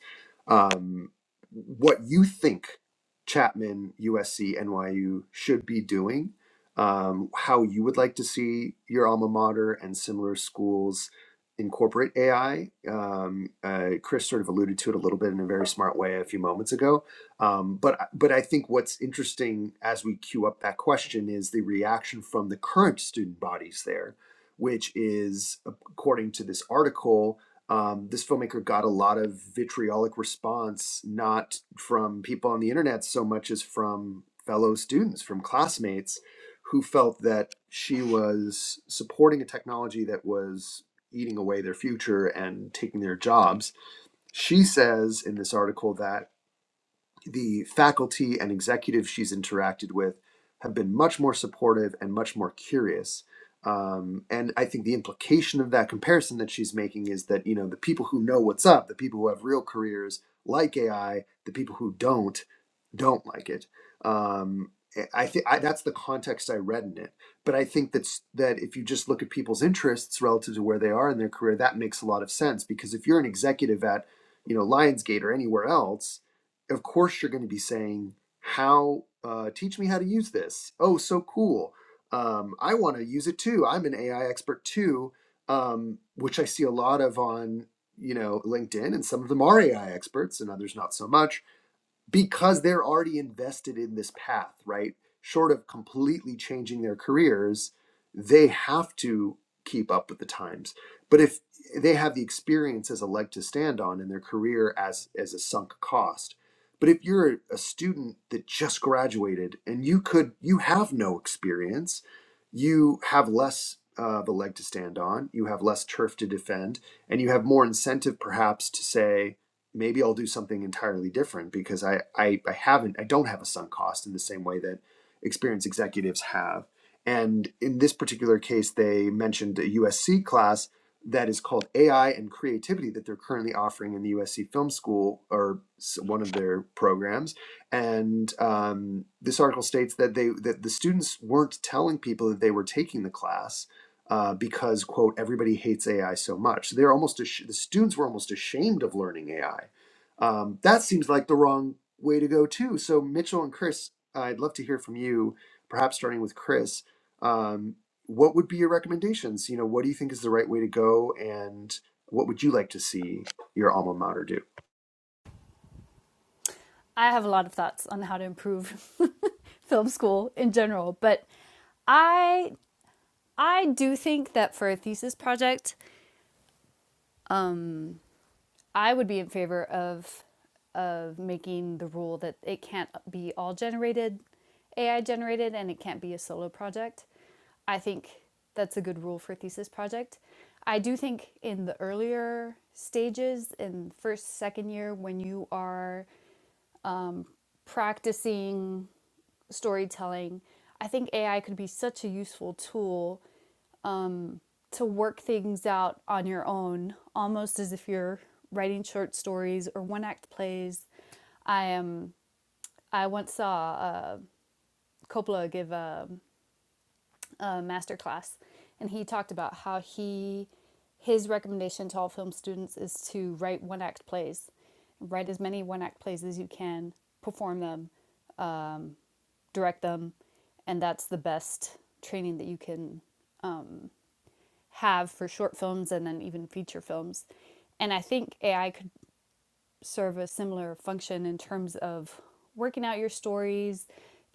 S2: um, what you think Chapman, USC, NYU should be doing, um, how you would like to see your alma mater and similar schools incorporate AI. Um, uh, Chris sort of alluded to it a little bit in a very smart way a few moments ago um, but but I think what's interesting as we queue up that question is the reaction from the current student bodies there, which is according to this article, um, this filmmaker got a lot of vitriolic response not from people on the internet so much as from fellow students, from classmates, who felt that she was supporting a technology that was eating away their future and taking their jobs. She says in this article that the faculty and executives she's interacted with have been much more supportive and much more curious. Um, and I think the implication of that comparison that she's making is that you know the people who know what's up, the people who have real careers like AI, the people who don't don't like it. Um, I think that's the context I read in it. But I think that's that if you just look at people's interests relative to where they are in their career, that makes a lot of sense because if you're an executive at you know Lionsgate or anywhere else, of course you're going to be saying how uh, teach me how to use this oh so cool um, i want to use it too i'm an ai expert too um, which i see a lot of on you know linkedin and some of them are ai experts and others not so much because they're already invested in this path, right? Short of completely changing their careers, they have to keep up with the times. But if they have the experience as a leg to stand on in their career as as a sunk cost. But if you're a student that just graduated and you could you have no experience, you have less uh, of a leg to stand on, you have less turf to defend, and you have more incentive perhaps to say, maybe I'll do something entirely different because I, I, I haven't, I don't have a sunk cost in the same way that experienced executives have. And in this particular case, they mentioned a USC class that is called AI and Creativity that they're currently offering in the USC Film School or one of their programs. And um, this article states that they that the students weren't telling people that they were taking the class uh, because quote everybody hates AI so much. So they're almost ash- the students were almost ashamed of learning AI. Um, that seems like the wrong way to go too. So Mitchell and Chris, I'd love to hear from you. Perhaps starting with Chris, um, what would be your recommendations? You know, what do you think is the right way to go, and what would you like to see your alma mater do?
S4: I have a lot of thoughts on how to improve film school in general, but I I do think that for a thesis project, um, I would be in favor of of making the rule that it can't be all generated, AI generated, and it can't be a solo project. I think that's a good rule for a thesis project. I do think in the earlier stages, in first, second year, when you are practicing storytelling, I think AI could be such a useful tool to work things out on your own, almost as if you're writing short stories or one act plays. I am. I once saw uh, Coppola give a, a master class, and he talked about how he his recommendation to all film students is to write one act plays, write as many one act plays as you can, perform them, direct them, and that's the best training that you can have for short films and then even feature films. And I think AI could serve a similar function in terms of working out your stories,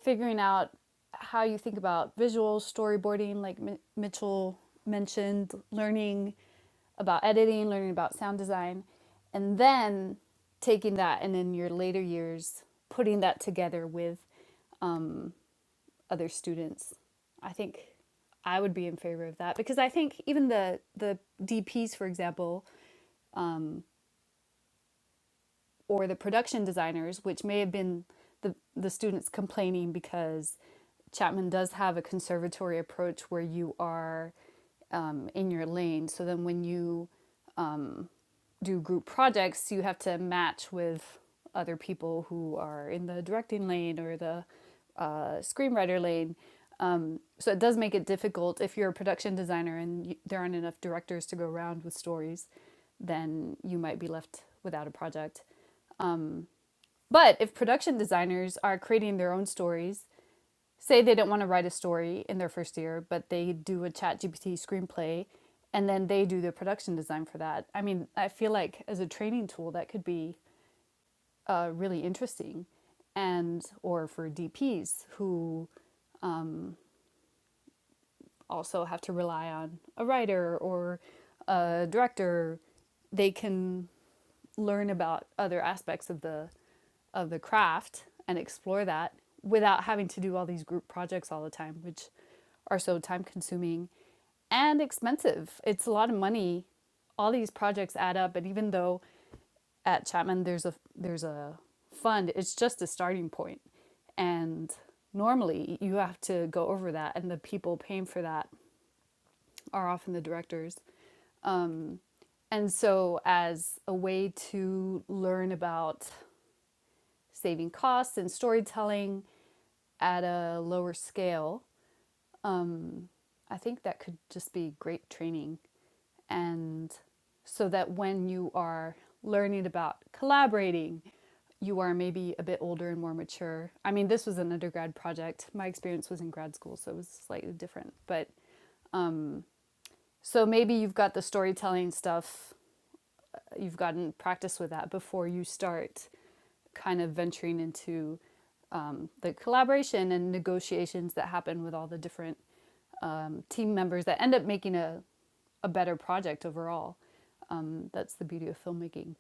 S4: figuring out how you think about visual storyboarding, like M- Mitchell mentioned, learning about editing, learning about sound design, and then taking that and in your later years putting that together with other students. I think I would be in favor of that because I think even the the DPs, for example, or the production designers, which may have been the, the students complaining because Chapman does have a conservatory approach where you are um, in your lane. So then when you do group projects, you have to match with other people who are in the directing lane or the uh, screenwriter lane. Um, so it does make it difficult if you're a production designer and you, there aren't enough directors to go around with stories, then you might be left without a project. But if production designers are creating their own stories, say they don't want to write a story in their first year, but they do a ChatGPT screenplay and then they do the production design for that. I mean, I feel like as a training tool that could be uh, really interesting and or for DPs who also have to rely on a writer or a director, they can learn about other aspects of the of the craft and explore that without having to do all these group projects all the time, which are so time consuming and expensive. It's a lot of money. All these projects add up, and even though at Chapman there's a there's a fund. It's just a starting point, And normally you have to go over that and the people paying for that are often the directors. And so as a way to learn about saving costs and storytelling at a lower scale, I think that could just be great training. And so that when you are learning about collaborating, you are maybe a bit older and more mature. I mean, this was an undergrad project. My experience was in grad school, so it was slightly different. But so maybe you've got the storytelling stuff you've gotten practice with that before you start kind of venturing into um, the collaboration and negotiations that happen with all the different um, team members that end up making a, a better project overall. Um, that's the beauty of filmmaking.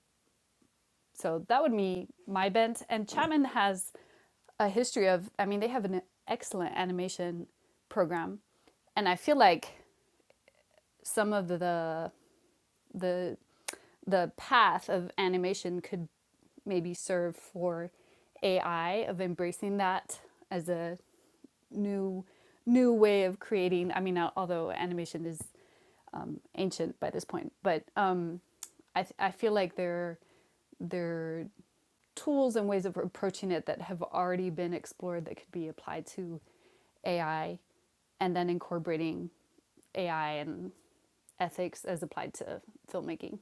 S4: So that would be my bent. And Chapman has a history of, I mean, they have an excellent animation program. And I feel like some of the the the path of animation could maybe serve for AI of embracing that as a new new way of creating. I mean, although animation is um, ancient by this point, but um, I th- I feel like there there tools and ways of approaching it that have already been explored that could be applied to AI, and then incorporating AI and ethics as applied to filmmaking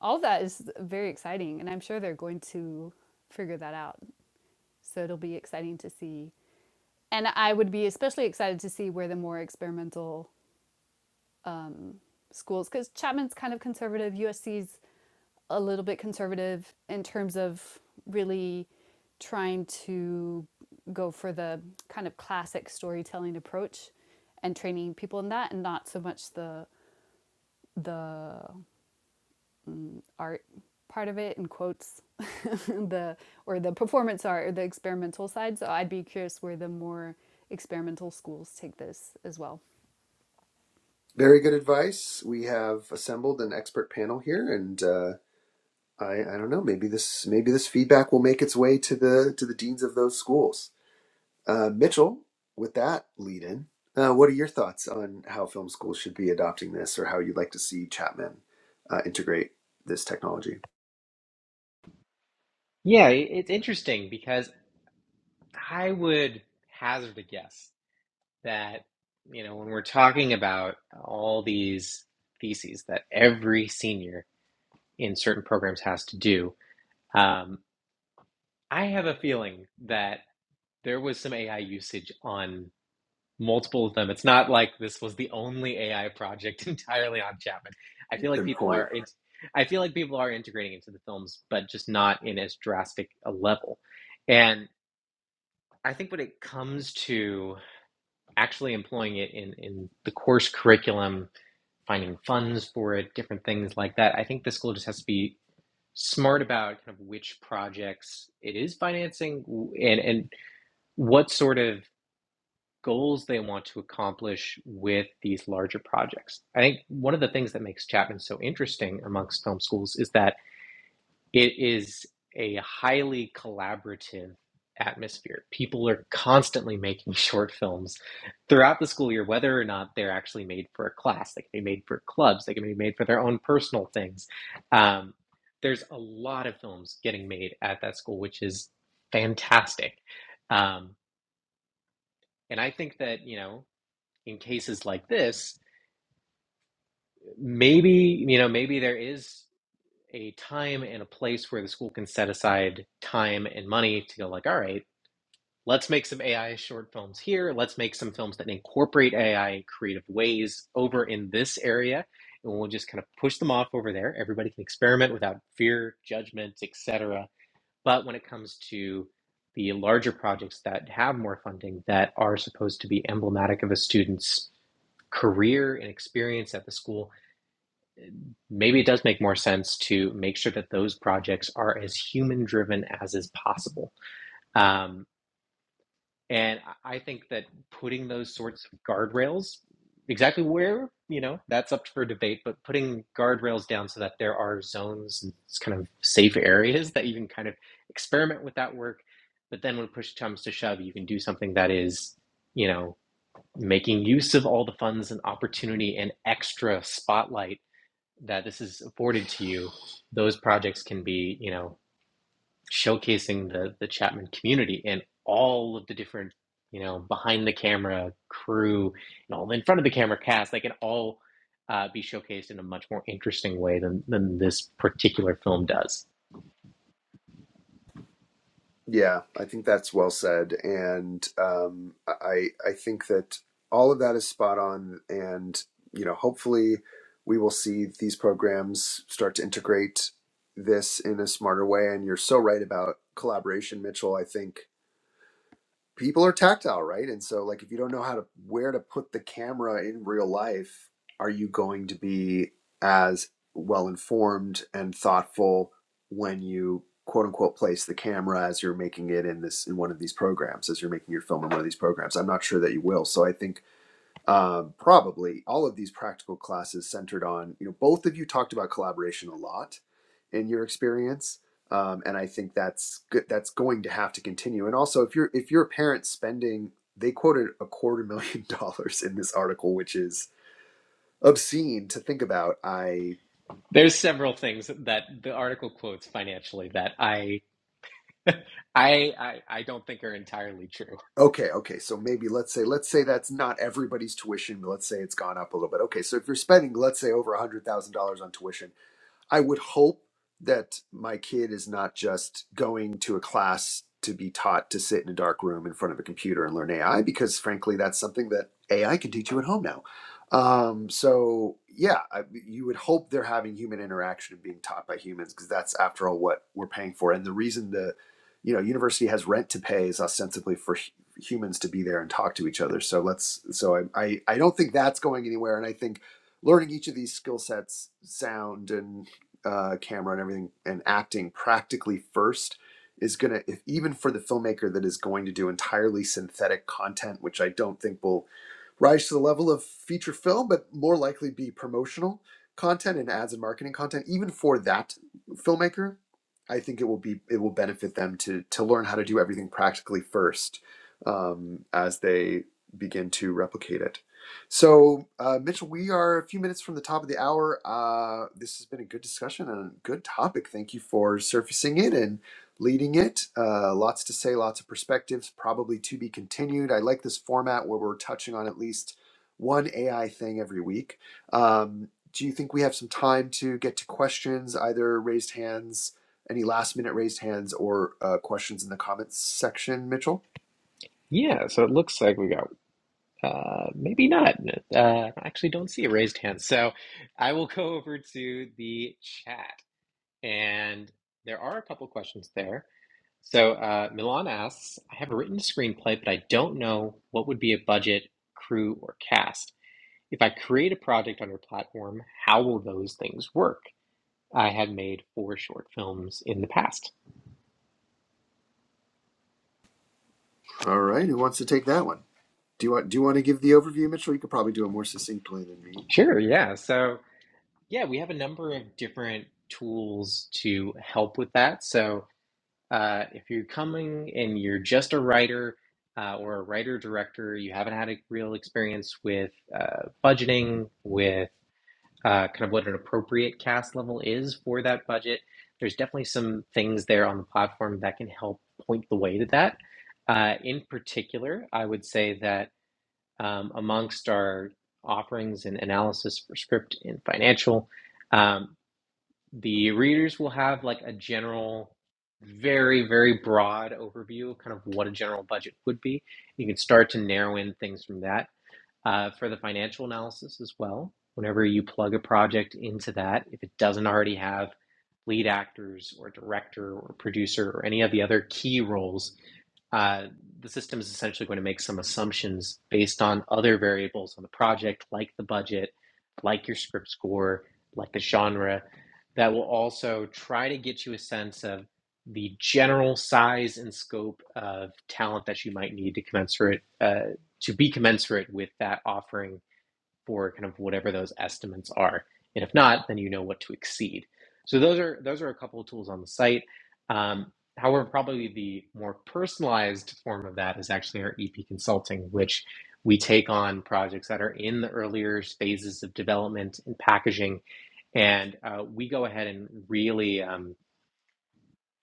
S4: all of that is very exciting and i'm sure they're going to figure that out so it'll be exciting to see and i would be especially excited to see where the more experimental schools because chapman's kind of conservative usc's a little bit conservative in terms of really trying to go for the kind of classic storytelling approach and training people in that and not so much the the art part of it and quotes the or the performance art or the experimental side. So I'd be curious where the more experimental schools take this as well.
S2: Very good advice. We have assembled an expert panel here, and uh, I, I don't know. Maybe this maybe this feedback will make its way to the to the deans of those schools. Uh, Mitchell, with that lead in, uh, what are your thoughts on how film schools should be adopting this or how you'd like to see Chapman uh, integrate this technology?
S1: yeah it's interesting because i would hazard a guess that you know when we're talking about all these theses that every senior in certain programs has to do um, i have a feeling that there was some ai usage on multiple of them. It's not like this was the only AI project entirely on Chapman. I feel like
S2: Good
S1: people
S2: point.
S1: are int- I feel like people are integrating into the films, but just not in as drastic a level. And I think when it comes to actually employing it in, in the course curriculum, finding funds for it, different things like that, I think the school just has to be smart about kind of which projects it is financing and, and what sort of goals they want to accomplish with these larger projects. I think one of the things that makes Chapman so interesting amongst film schools is that it is a highly collaborative atmosphere. People are constantly making short films throughout the school year, whether or not they're actually made for a class. They can be made for clubs, they can be made for their own personal things. Um, there's a lot of films getting made at that school, which is fantastic. Um, and I think that, you know, in cases like this, maybe, you know, maybe there is a time and a place where the school can set aside time and money to go like, all right, let's make some AI short films here. Let's make some films that incorporate AI in creative ways over in this area. And we'll just kind of push them off over there. Everybody can experiment without fear, judgment, etc. But when it comes to the larger projects that have more funding that are supposed to be emblematic of a student's career and experience at the school maybe it does make more sense to make sure that those projects are as human driven as is possible. Um, and I think that putting those sorts of guardrails, exactly where, you know, that's up for debate, but putting guardrails down so that there are zones and kind of safe areas that you can kind of experiment with that work. But then when push comes to shove, you can do something that is, you know, making use of all the funds and opportunity and extra spotlight that this is afforded to you, those projects can be, you know, showcasing the the Chapman community and all of the different, you know, behind the camera crew and all in front of the camera cast. They can all uh, be showcased in a much more interesting way than than this particular film does.
S2: Yeah, I think that's well said. And um, I, I think that all of that is spot on. And, you know, hopefully we will see these programs start to integrate this in a smarter way. And you're so right about collaboration, Mitchell. I think people are tactile, right? And so like if you don't know how to where to put the camera in real life, are you going to be as well informed and thoughtful when you quote unquote place the camera as you're making it in this in one of these programs as you're making your film in one of these programs i'm not sure that you will so i think um, probably all of these practical classes centered on you know both of you talked about collaboration a lot in your experience um, and i think that's good that's going to have to continue and also if you're if you're a parent spending they quoted a quarter million dollars in this article which is obscene to think about i
S1: There's several things that the article quotes financially that I I I, I don't think are entirely true.
S2: okay okay so maybe let's say let's say that's not everybody's tuition but let's say it's gone up a little bit okay so if you're spending let's say over a hundred thousand dollars on tuition I would hope that my kid is not just going to a class to be taught to sit in a dark room in front of a computer and learn AI, because frankly, that's something that AI can teach you at home now. Um, so yeah, I, you would hope they're having human interaction and being taught by humans, because that's after all what we're paying for. And the reason the you know university has rent to pay is ostensibly for hu- humans to be there and talk to each other. So let's so I I, I don't think that's going anywhere, and I think learning each of these skill sets sound and uh, camera and everything and acting practically first is going to, if even for the filmmaker that is going to do entirely synthetic content, which I don't think will rise to the level of feature film, but more likely be promotional content and ads and marketing content, even for that filmmaker, I think it will be it will benefit them to to learn how to do everything practically first um, as they begin to replicate it. So, uh, Mitchell, we are a few minutes from the top of the hour. Uh, this has been a good discussion and a good topic. Thank you for surfacing it and leading it. Uh, lots to say, lots of perspectives, probably to be continued. I like this format where we're touching on at least one AI thing every week. Um, do you think we have some time to get to questions, either raised hands, any last minute raised hands, or uh, questions in the comments section, Mitchell?
S1: Yeah, so it looks like we got Uh, maybe not. Uh, I actually don't see a raised hand. So I will go over to the chat. And there are a couple questions there. So uh, Milan asks I have a written screenplay, but I don't know what would be a budget, crew, or cast. If I create a project on your platform, how will those things work? I have made four short films in the past.
S2: All right, who wants to take that one? Do you want do you want to give the overview, Mitchell? You could probably do it more succinctly than me.
S1: Sure, yeah. So, yeah, we have a number of different tools to help with that. So, Uh, if you're coming and you're just a writer uh, or a writer director, you haven't had a real experience with uh, budgeting, with uh, kind of what an appropriate cast level is for that budget, there's definitely some things there on the platform that can help point the way to that. Uh, in particular, I would say that um, amongst our offerings and analysis for script and financial, um, the readers will have like a general very very broad overview of kind of what a general budget would be you can start to narrow in things from that uh, for the financial analysis as well. Whenever you plug a project into that, if it doesn't already have lead actors or director or producer or any of the other key roles, uh, the system is essentially going to make some assumptions based on other variables on the project, like the budget, like your script score, like the genre, that will also try to get you a sense of the general size and scope of talent that you might need to commensurate uh, to be commensurate with that offering for kind of whatever those estimates are. And if not, then you know what to exceed. So those are those are a couple of tools on the site. Um, however, probably the more personalized form of that is actually our EP consulting, which we take on projects that are in the earlier phases of development and packaging, and uh, we go ahead and really. Um,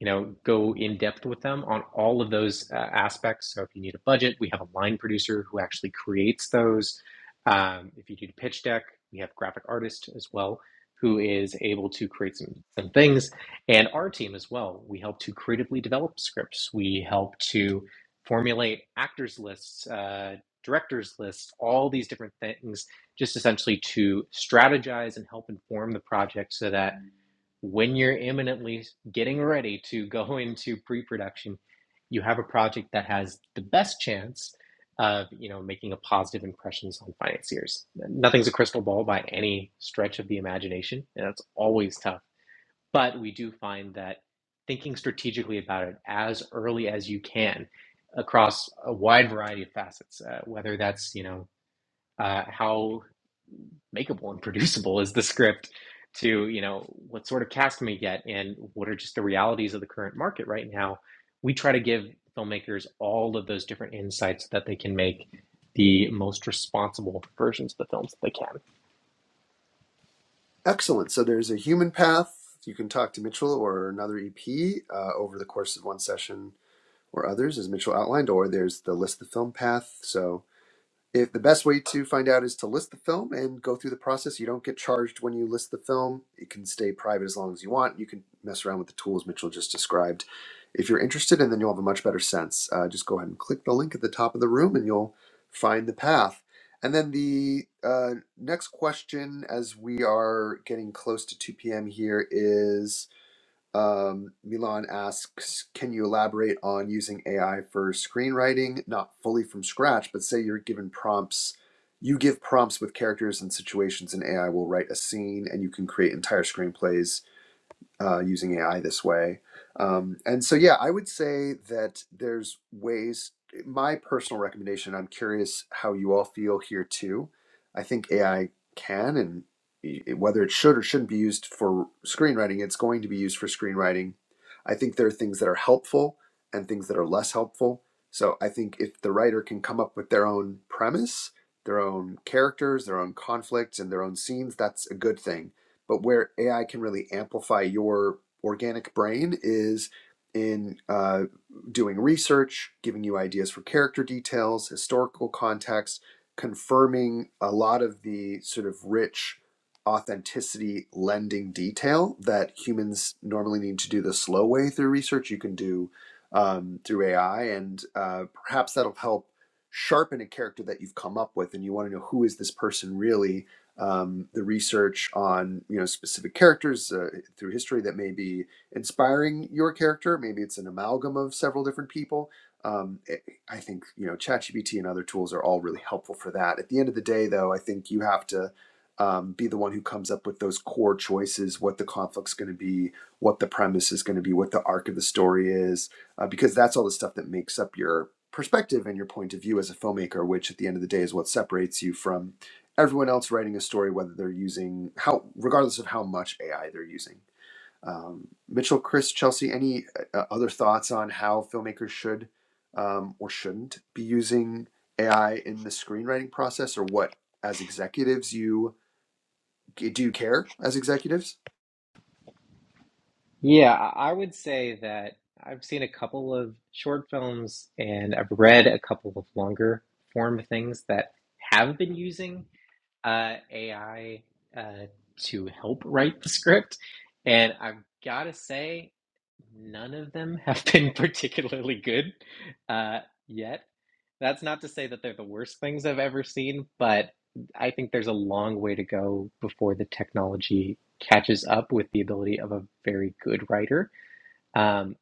S1: you know go in depth with them on all of those uh, aspects so if you need a budget we have a line producer who actually creates those um, if you need a pitch deck we have graphic artists as well who is able to create some, some things and our team as well we help to creatively develop scripts we help to formulate actors lists uh, directors lists all these different things just essentially to strategize and help inform the project so that when you're imminently getting ready to go into pre-production, you have a project that has the best chance of you know making a positive impressions on financiers. Nothing's a crystal ball by any stretch of the imagination, and that's always tough. But we do find that thinking strategically about it as early as you can across a wide variety of facets, uh, whether that's you know uh, how makeable and producible is the script to you know what sort of cast can we get and what are just the realities of the current market right now we try to give filmmakers all of those different insights that they can make the most responsible versions of the films that they can
S2: Excellent. So there's a human path. You can talk to Mitchell or another EP uh, over the course of one session or others, as Mitchell outlined. Or there's the list the film path. So If the best way to find out is to list the film and go through the process, you don't get charged when you list the film. It can stay private as long as you want. You can mess around with the tools Mitchell just described. If you're interested, and then you'll have a much better sense. Uh, just go ahead and click the link at the top of the room, and you'll find the path. And then the uh, next question, as we are getting close to 2 p.m. here, is um, Milan asks, can you elaborate on using AI for screenwriting, not fully from scratch, but say you're given prompts, you give prompts with characters and situations, and AI will write a scene, and you can create entire screenplays uh, using AI this way. Um, and so, yeah, I would say that there's ways. My personal recommendation, I'm curious how you all feel here too. I think AI can and i- whether it should or shouldn't be used for screenwriting, it's going to be used for screenwriting. I think there are things that are helpful and things that are less helpful. So I think if the writer can come up with their own premise, their own characters, their own conflicts, and their own scenes, that's a good thing but where AI can really amplify your organic brain is in uh, doing research, giving you ideas for character details, historical context, confirming a lot of the sort of rich authenticity lending detail that humans normally need to do the slow way through research. You can do um, through AI, and uh, perhaps that'll help sharpen a character that you've come up with, and you want to know who is this person really um, the research on you know specific characters uh, through history that may be inspiring your character. Maybe it's an amalgam of several different people. Um, it- I think you know ChatGPT and other tools are all really helpful for that. At the end of the day, though, I think you have to um, be the one who comes up with those core choices: what the conflict's going to be, what the premise is going to be, what the arc of the story is, uh, because that's all the stuff that makes up your perspective and your point of view as a filmmaker. Which, at the end of the day, is what separates you from everyone else writing a story, whether they're using how, regardless of how much AI they're using. Um, Mitchell, Chris, Chelsea, any uh, uh, other thoughts on how filmmakers should um, or shouldn't be using AI in the screenwriting process, or what as executives you do you care as executives?
S1: yeah i I would say that i've seen a couple of short films and i've read a couple of longer form things that have been using uh, AI uh, to help write the script. And I've got to say, none of them have been particularly good uh, yet. That's not to say that they're the worst things I've ever seen, but I think there's a long way to go before the technology catches up with the ability of a very good writer. Um,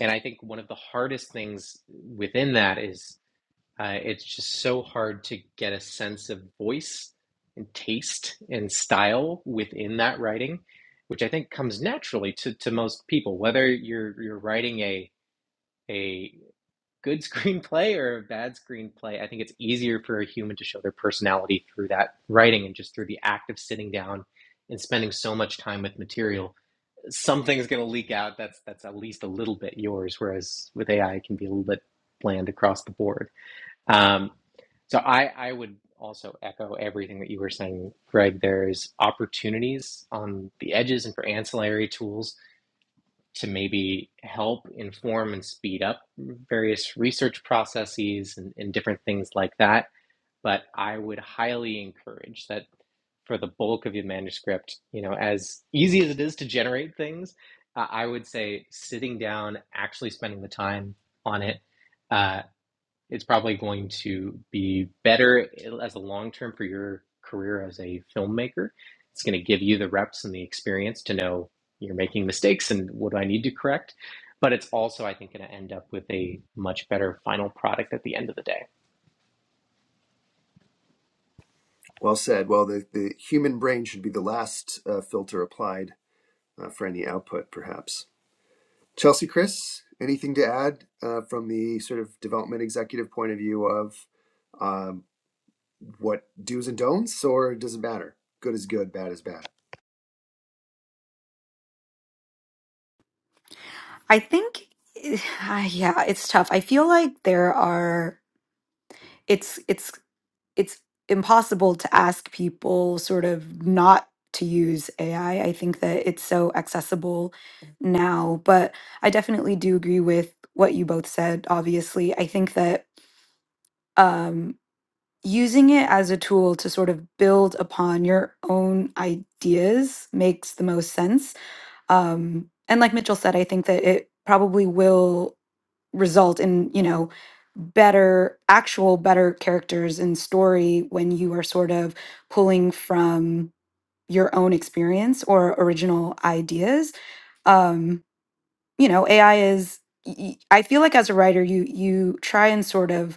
S1: and I think one of the hardest things within that is uh, it's just so hard to get a sense of voice and taste and style within that writing, which I think comes naturally to, to most people, whether you're you're writing a a good screenplay or a bad screenplay. I think it's easier for a human to show their personality through that writing and just through the act of sitting down and spending so much time with material. Something's going to leak out. That's that's at least a little bit yours, whereas with AI, it can be a little bit bland across the board. Um, so I, I would also echo everything that you were saying, Greg. There's opportunities on the edges and for ancillary tools to maybe help inform and speed up various research processes and, and different things like that. But I would highly encourage that for the bulk of your manuscript, you know, as easy as it is to generate things, uh, I would say sitting down, actually spending the time on it, uh, it's probably going to be better as a long term for your career as a filmmaker. It's going to give you the reps and the experience to know you're making mistakes and what do I need to correct. But it's also, I think, going to end up with a much better final product at the end of the day.
S2: Well said. Well, the, the human brain should be the last uh, filter applied uh, for any output, perhaps. Chelsea, Chris, anything to add uh, from the sort of development executive point of view of uh, what do's and don'ts, or it doesn't matter. Good is good, bad is bad.
S3: I think, yeah, it's tough. I feel like there are. It's it's it's impossible to ask people sort of not to use AI. I I think that it's so accessible now, but I definitely do agree with what you both said, obviously. I think that um, using it as a tool to sort of build upon your own ideas makes the most sense. Um, and like Mitchell said, I think that it probably will result in you know better actual better characters and story when you are sort of pulling from your own experience or original ideas um you know ai is y- y- i feel like as a writer you you try and sort of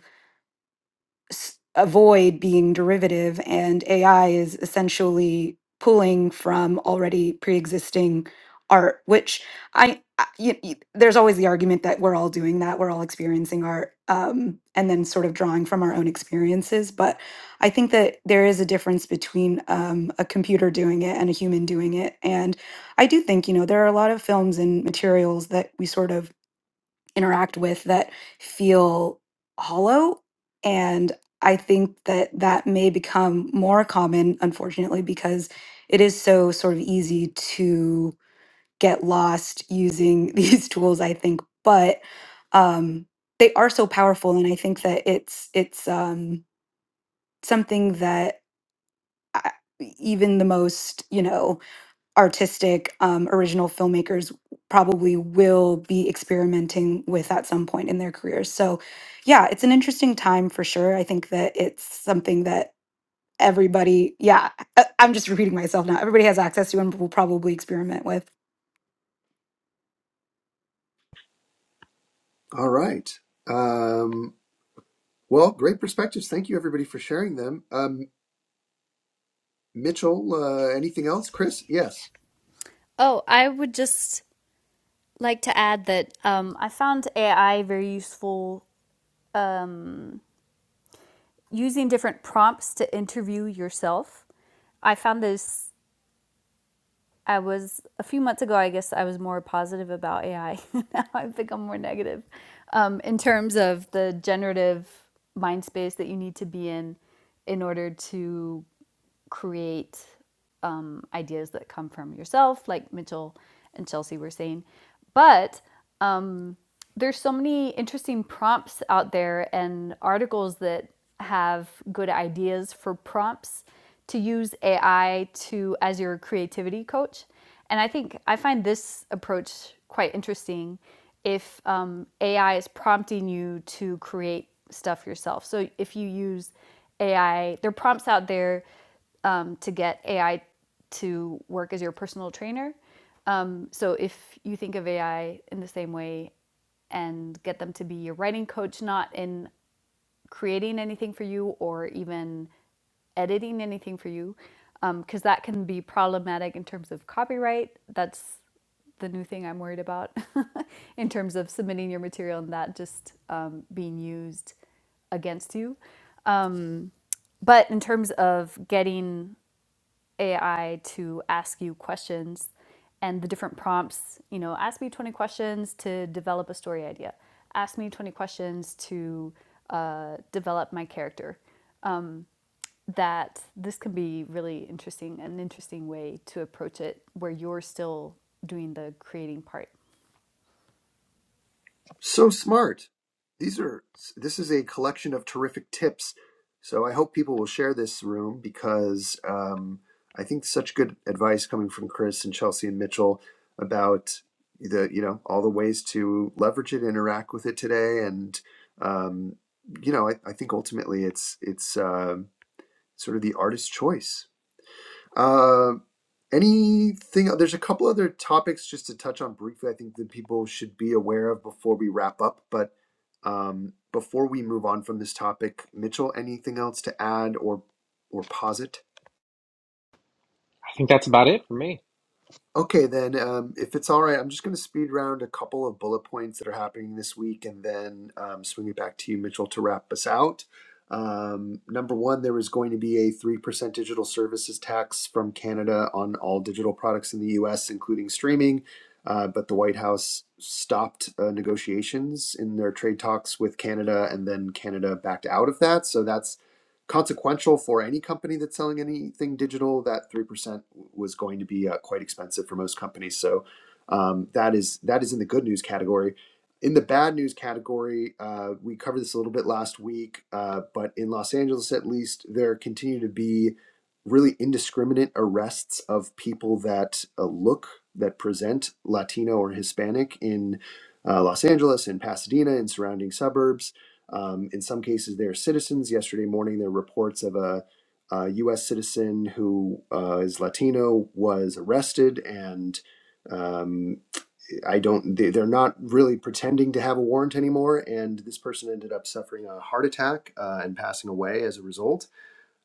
S3: s- avoid being derivative, and AI is essentially pulling from already pre-existing art, which I, I y- y- there's always the argument that we're all doing that, we're all experiencing art, um, and then sort of drawing from our own experiences. But I think that there is a difference between um, a computer doing it and a human doing it, and I do think you know there are a lot of films and materials that we sort of interact with that feel hollow. And I think that that may become more common, unfortunately, because it is so sort of easy to get lost using these tools, I think. But um, they are so powerful. And I think that it's, it's um, something that I- even the most, you know, artistic um, original filmmakers probably will be experimenting with at some point in their careers. So, yeah, it's an interesting time for sure. I think that it's something that everybody, yeah, I- I'm just repeating myself now. Everybody has access to and will probably experiment with.
S2: All right. Um, well, great perspectives. Thank you, everybody, for sharing them. Um, Mitchell, uh, anything else? Chris? Yes.
S4: Oh, I would just like to add that um, I found AI very useful using different prompts to interview yourself. I found this I was a few months ago. I guess I was more positive about AI. now I have become more negative um, in terms of the generative mind space that you need to be in in order to create um, ideas that come from yourself, like Mitchell and Chelsea were saying. But um, there's so many interesting prompts out there and articles that have good ideas for prompts to use AI to as your creativity coach. And I think I find this approach quite interesting if um, AI is prompting you to create stuff yourself. So if you use AI, there are prompts out there um, to get AI to work as your personal trainer. Um, so if you think of AI in the same way and get them to be your writing coach, not in creating anything for you or even editing anything for you, because um, that can be problematic in terms of copyright. That's the new thing I'm worried about in terms of submitting your material and that just um, being used against you. But in terms of getting AI to ask you questions and the different prompts, you know, ask me 20 questions to develop a story idea, ask me 20 questions to uh, develop my character. Um, That this can be really interesting, an interesting way to approach it where you're still doing the creating part.
S2: So smart. These are this is a collection of terrific tips. So I hope people will share this room because um, I think such good advice coming from Chris and Chelsea and Mitchell about the you know all the ways to leverage it, interact with it today, and um, you know I, I think ultimately it's it's um sort of the artist's choice. Uh, Anything? There's a couple other topics just to touch on briefly. I think that people should be aware of before we wrap up. But um, before we move on from this topic, Mitchell, anything else to add or or posit?
S1: I think that's about it for me.
S2: Okay, then, um, if it's all right, I'm just going to speed round a couple of bullet points that are happening this week and then um, swing it back to you, Mitchell, to wrap us out. Um, number one, there is going to be a 3% digital services tax from Canada on all digital products in the US, including streaming. Uh, but the White House stopped uh, negotiations in their trade talks with Canada, and then Canada backed out of that. So that's consequential for any company that's selling anything digital. That 3% was going to be uh, quite expensive for most companies. So um, that is that is in the good news category. In the bad news category, uh, we covered this a little bit last week, uh, but in Los Angeles at least, there continue to be really indiscriminate arrests of people that uh, look, that present Latino or Hispanic in uh, Los Angeles, in Pasadena, in surrounding suburbs. Um, in some cases, they are citizens. Yesterday morning, there were reports of a a U.S. citizen who uh, is Latino was arrested, and um, I don't. They, they're not really pretending to have a warrant anymore, and this person ended up suffering a heart attack uh, and passing away as a result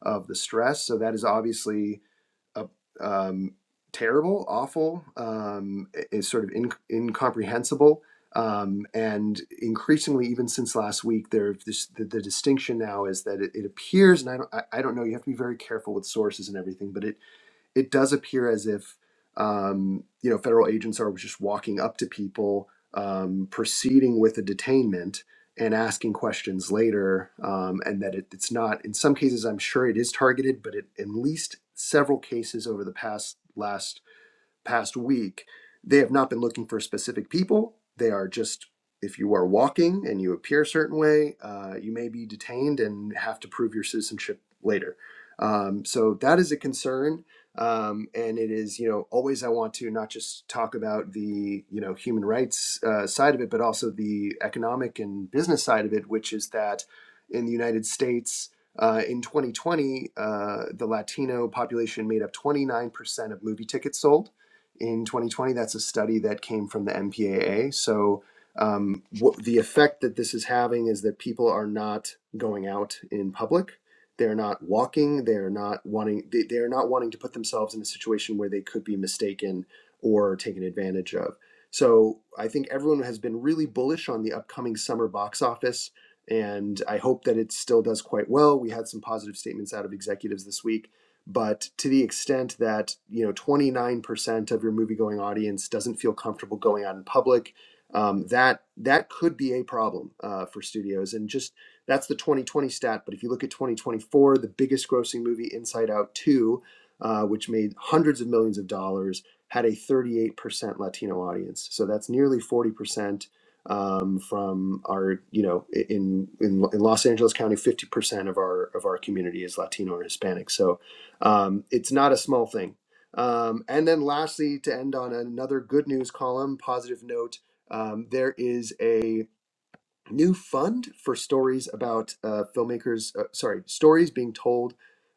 S2: of the stress. So that is obviously a um, terrible, awful, um, is sort of in, incomprehensible. Um, and increasingly, even since last week, there this, the, the distinction now is that it, it appears, and I don't, I, I don't know. You have to be very careful with sources and everything, but it it does appear as if um, you know federal agents are just walking up to people, um, proceeding with a detainment and asking questions later, um, and that it, it's not. In some cases, I'm sure it is targeted, but it, in at least several cases over the past last past week, they have not been looking for specific people. They are just, if you are walking and you appear a certain way, uh, you may be detained and have to prove your citizenship later. Um, so that is a concern. Um, and it is, you know, always I want to not just talk about the, you know, human rights uh, side of it, but also the economic and business side of it, which is that in the United States, uh, in 2020, uh, the Latino population made up 29% of movie tickets sold in 2020. That's a study that came from the MPAA. So, um, what, the effect that this is having is that people are not going out in public. They're not walking. They're not wanting. They, they're not wanting to put themselves in a situation where they could be mistaken or taken advantage of. So, I think everyone has been really bullish on the upcoming summer box office, and I hope that it still does quite well. We had some positive statements out of executives this week but to the extent that you know 29% fifty percent of your movie going audience doesn't feel comfortable going out in public, um, that that could be a problem uh, for studios. And just that's the 2020 stat. But if you look at 2024, the biggest grossing movie, Inside Out 2, uh, which made hundreds of millions of dollars, had a 38% Latino audience. So that's nearly 40% um, from our, you know, in, in in Los Angeles County, 50% of our of our community is Latino or Hispanic. So um, it's not a small thing um, and then lastly, to end on another good news column, positive note, um, there is a new fund for stories about uh, filmmakers, uh, sorry, stories being told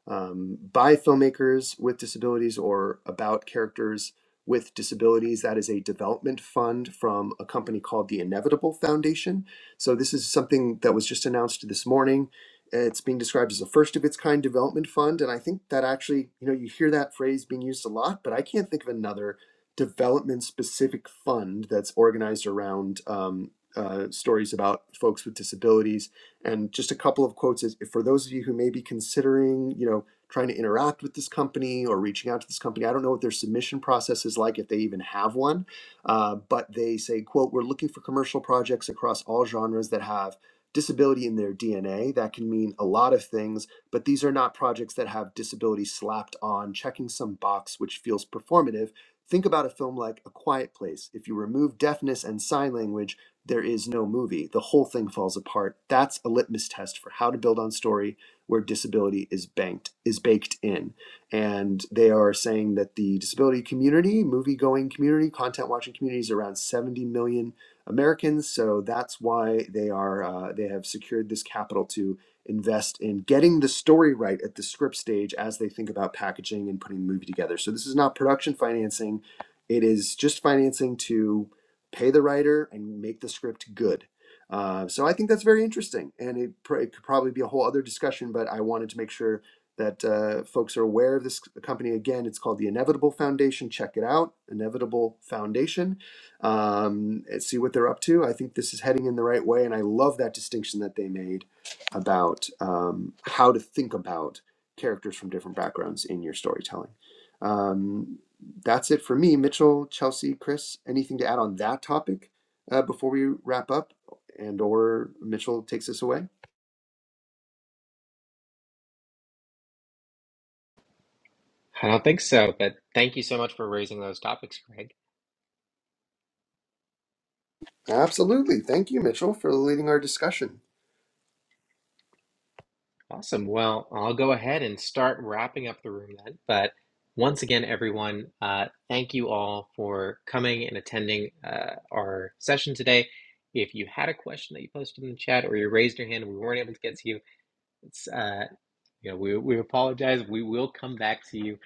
S2: um, by filmmakers with disabilities or about characters with disabilities. That is a development fund from a company called the Inevitable Foundation. So, this is something that was just announced this morning. It's being described as a first of its kind development fund. And I think that actually, you know, you hear that phrase being used a lot, but I can't think of another development specific fund that's organized around um, uh, stories about folks with disabilities, and just a couple of quotes is for those of you who may be considering, you know, trying to interact with this company or reaching out to this company. I don't know what their submission process is like if they even have one, uh, but they say, "quote We're looking for commercial projects across all genres that have." Disability in their DNA. That can mean a lot of things, but these are not projects that have disability slapped on, checking some box which feels performative Think about a film like A Quiet Place. If you remove deafness and sign language, there is no movie. The whole thing falls apart. That's a litmus test for how to build on story where disability is banked is baked in. And they are saying that the disability community, movie going community, content watching community is around 70 million Americans. So that's why they are uh, they have secured this capital to invest in getting the story right at the script stage as they think about packaging and putting the movie together. So this is not production financing. It is just financing to pay the writer and make the script good. Uh, so I think that's very interesting, and it, pr- it could probably be a whole other discussion. But I wanted to make sure that uh, folks are aware of this company. Again, it's called the Inevitable Foundation. Check it out, Inevitable Foundation, um, and see what they're up to. I think this is heading in the right way, and I love that distinction that they made about um, how to think about characters from different backgrounds in your storytelling. Um, that's it for me. Mitchell, Chelsea, Chris, anything to add on that topic uh, before we wrap up, and or Mitchell takes us away?
S1: I don't think so, but thank you so much for raising those topics, Greg.
S2: Absolutely. Thank you, Mitchell, for leading our discussion.
S1: Awesome. Well, I'll go ahead and start wrapping up the room then. But once again, everyone, uh, thank you all for coming and attending uh, our session today. If you had a question that you posted in the chat or you raised your hand and we weren't able to get to you, it's. uh, you know, we, we apologize. We will come back to you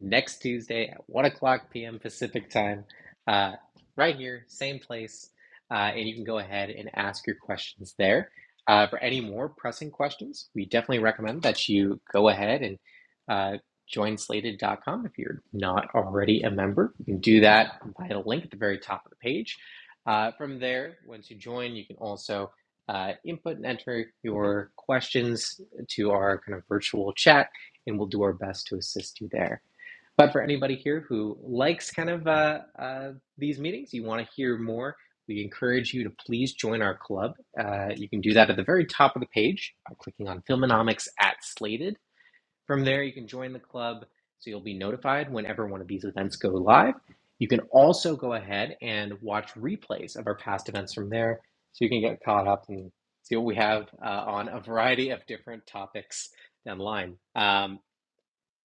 S1: next Tuesday at 1 o'clock p.m. Pacific time, uh, right here, same place. Uh, and you can go ahead and ask your questions there. Uh, for any more pressing questions, we definitely recommend that you go ahead and uh, join slated.com if you're not already a member. You can do that by the link at the very top of the page. Uh, from there, once you join, you can also uh, input and enter your questions to our kind of virtual chat, and we'll do our best to assist you there. But for anybody here who likes kind of uh, uh, these meetings, you want to hear more, we encourage you to please join our club. Uh, you can do that at the very top of the page by clicking on Filmonomics at Slated from there, you can join the club so you'll be notified whenever one of these events go live. You can also go ahead and watch replays of our past events from there so you can get caught up and see what we have uh, on a variety of different topics down the line. Um,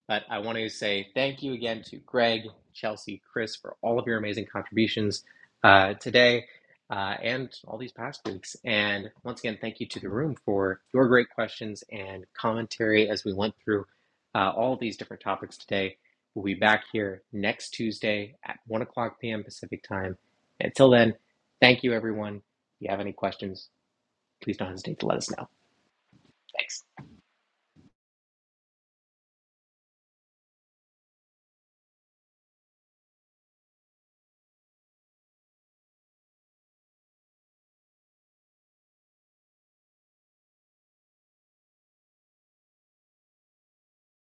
S1: but I want to say thank you again to Greg, Chelsea, Chris for all of your amazing contributions uh, today uh, and all these past weeks. And once again, thank you to the room for your great questions and commentary as we went through uh, all these different topics today. We'll be back here next Tuesday at 1 o'clock p.m. Pacific time. Until then, thank you, everyone. If you have any questions, please don't hesitate to let us know. Thanks.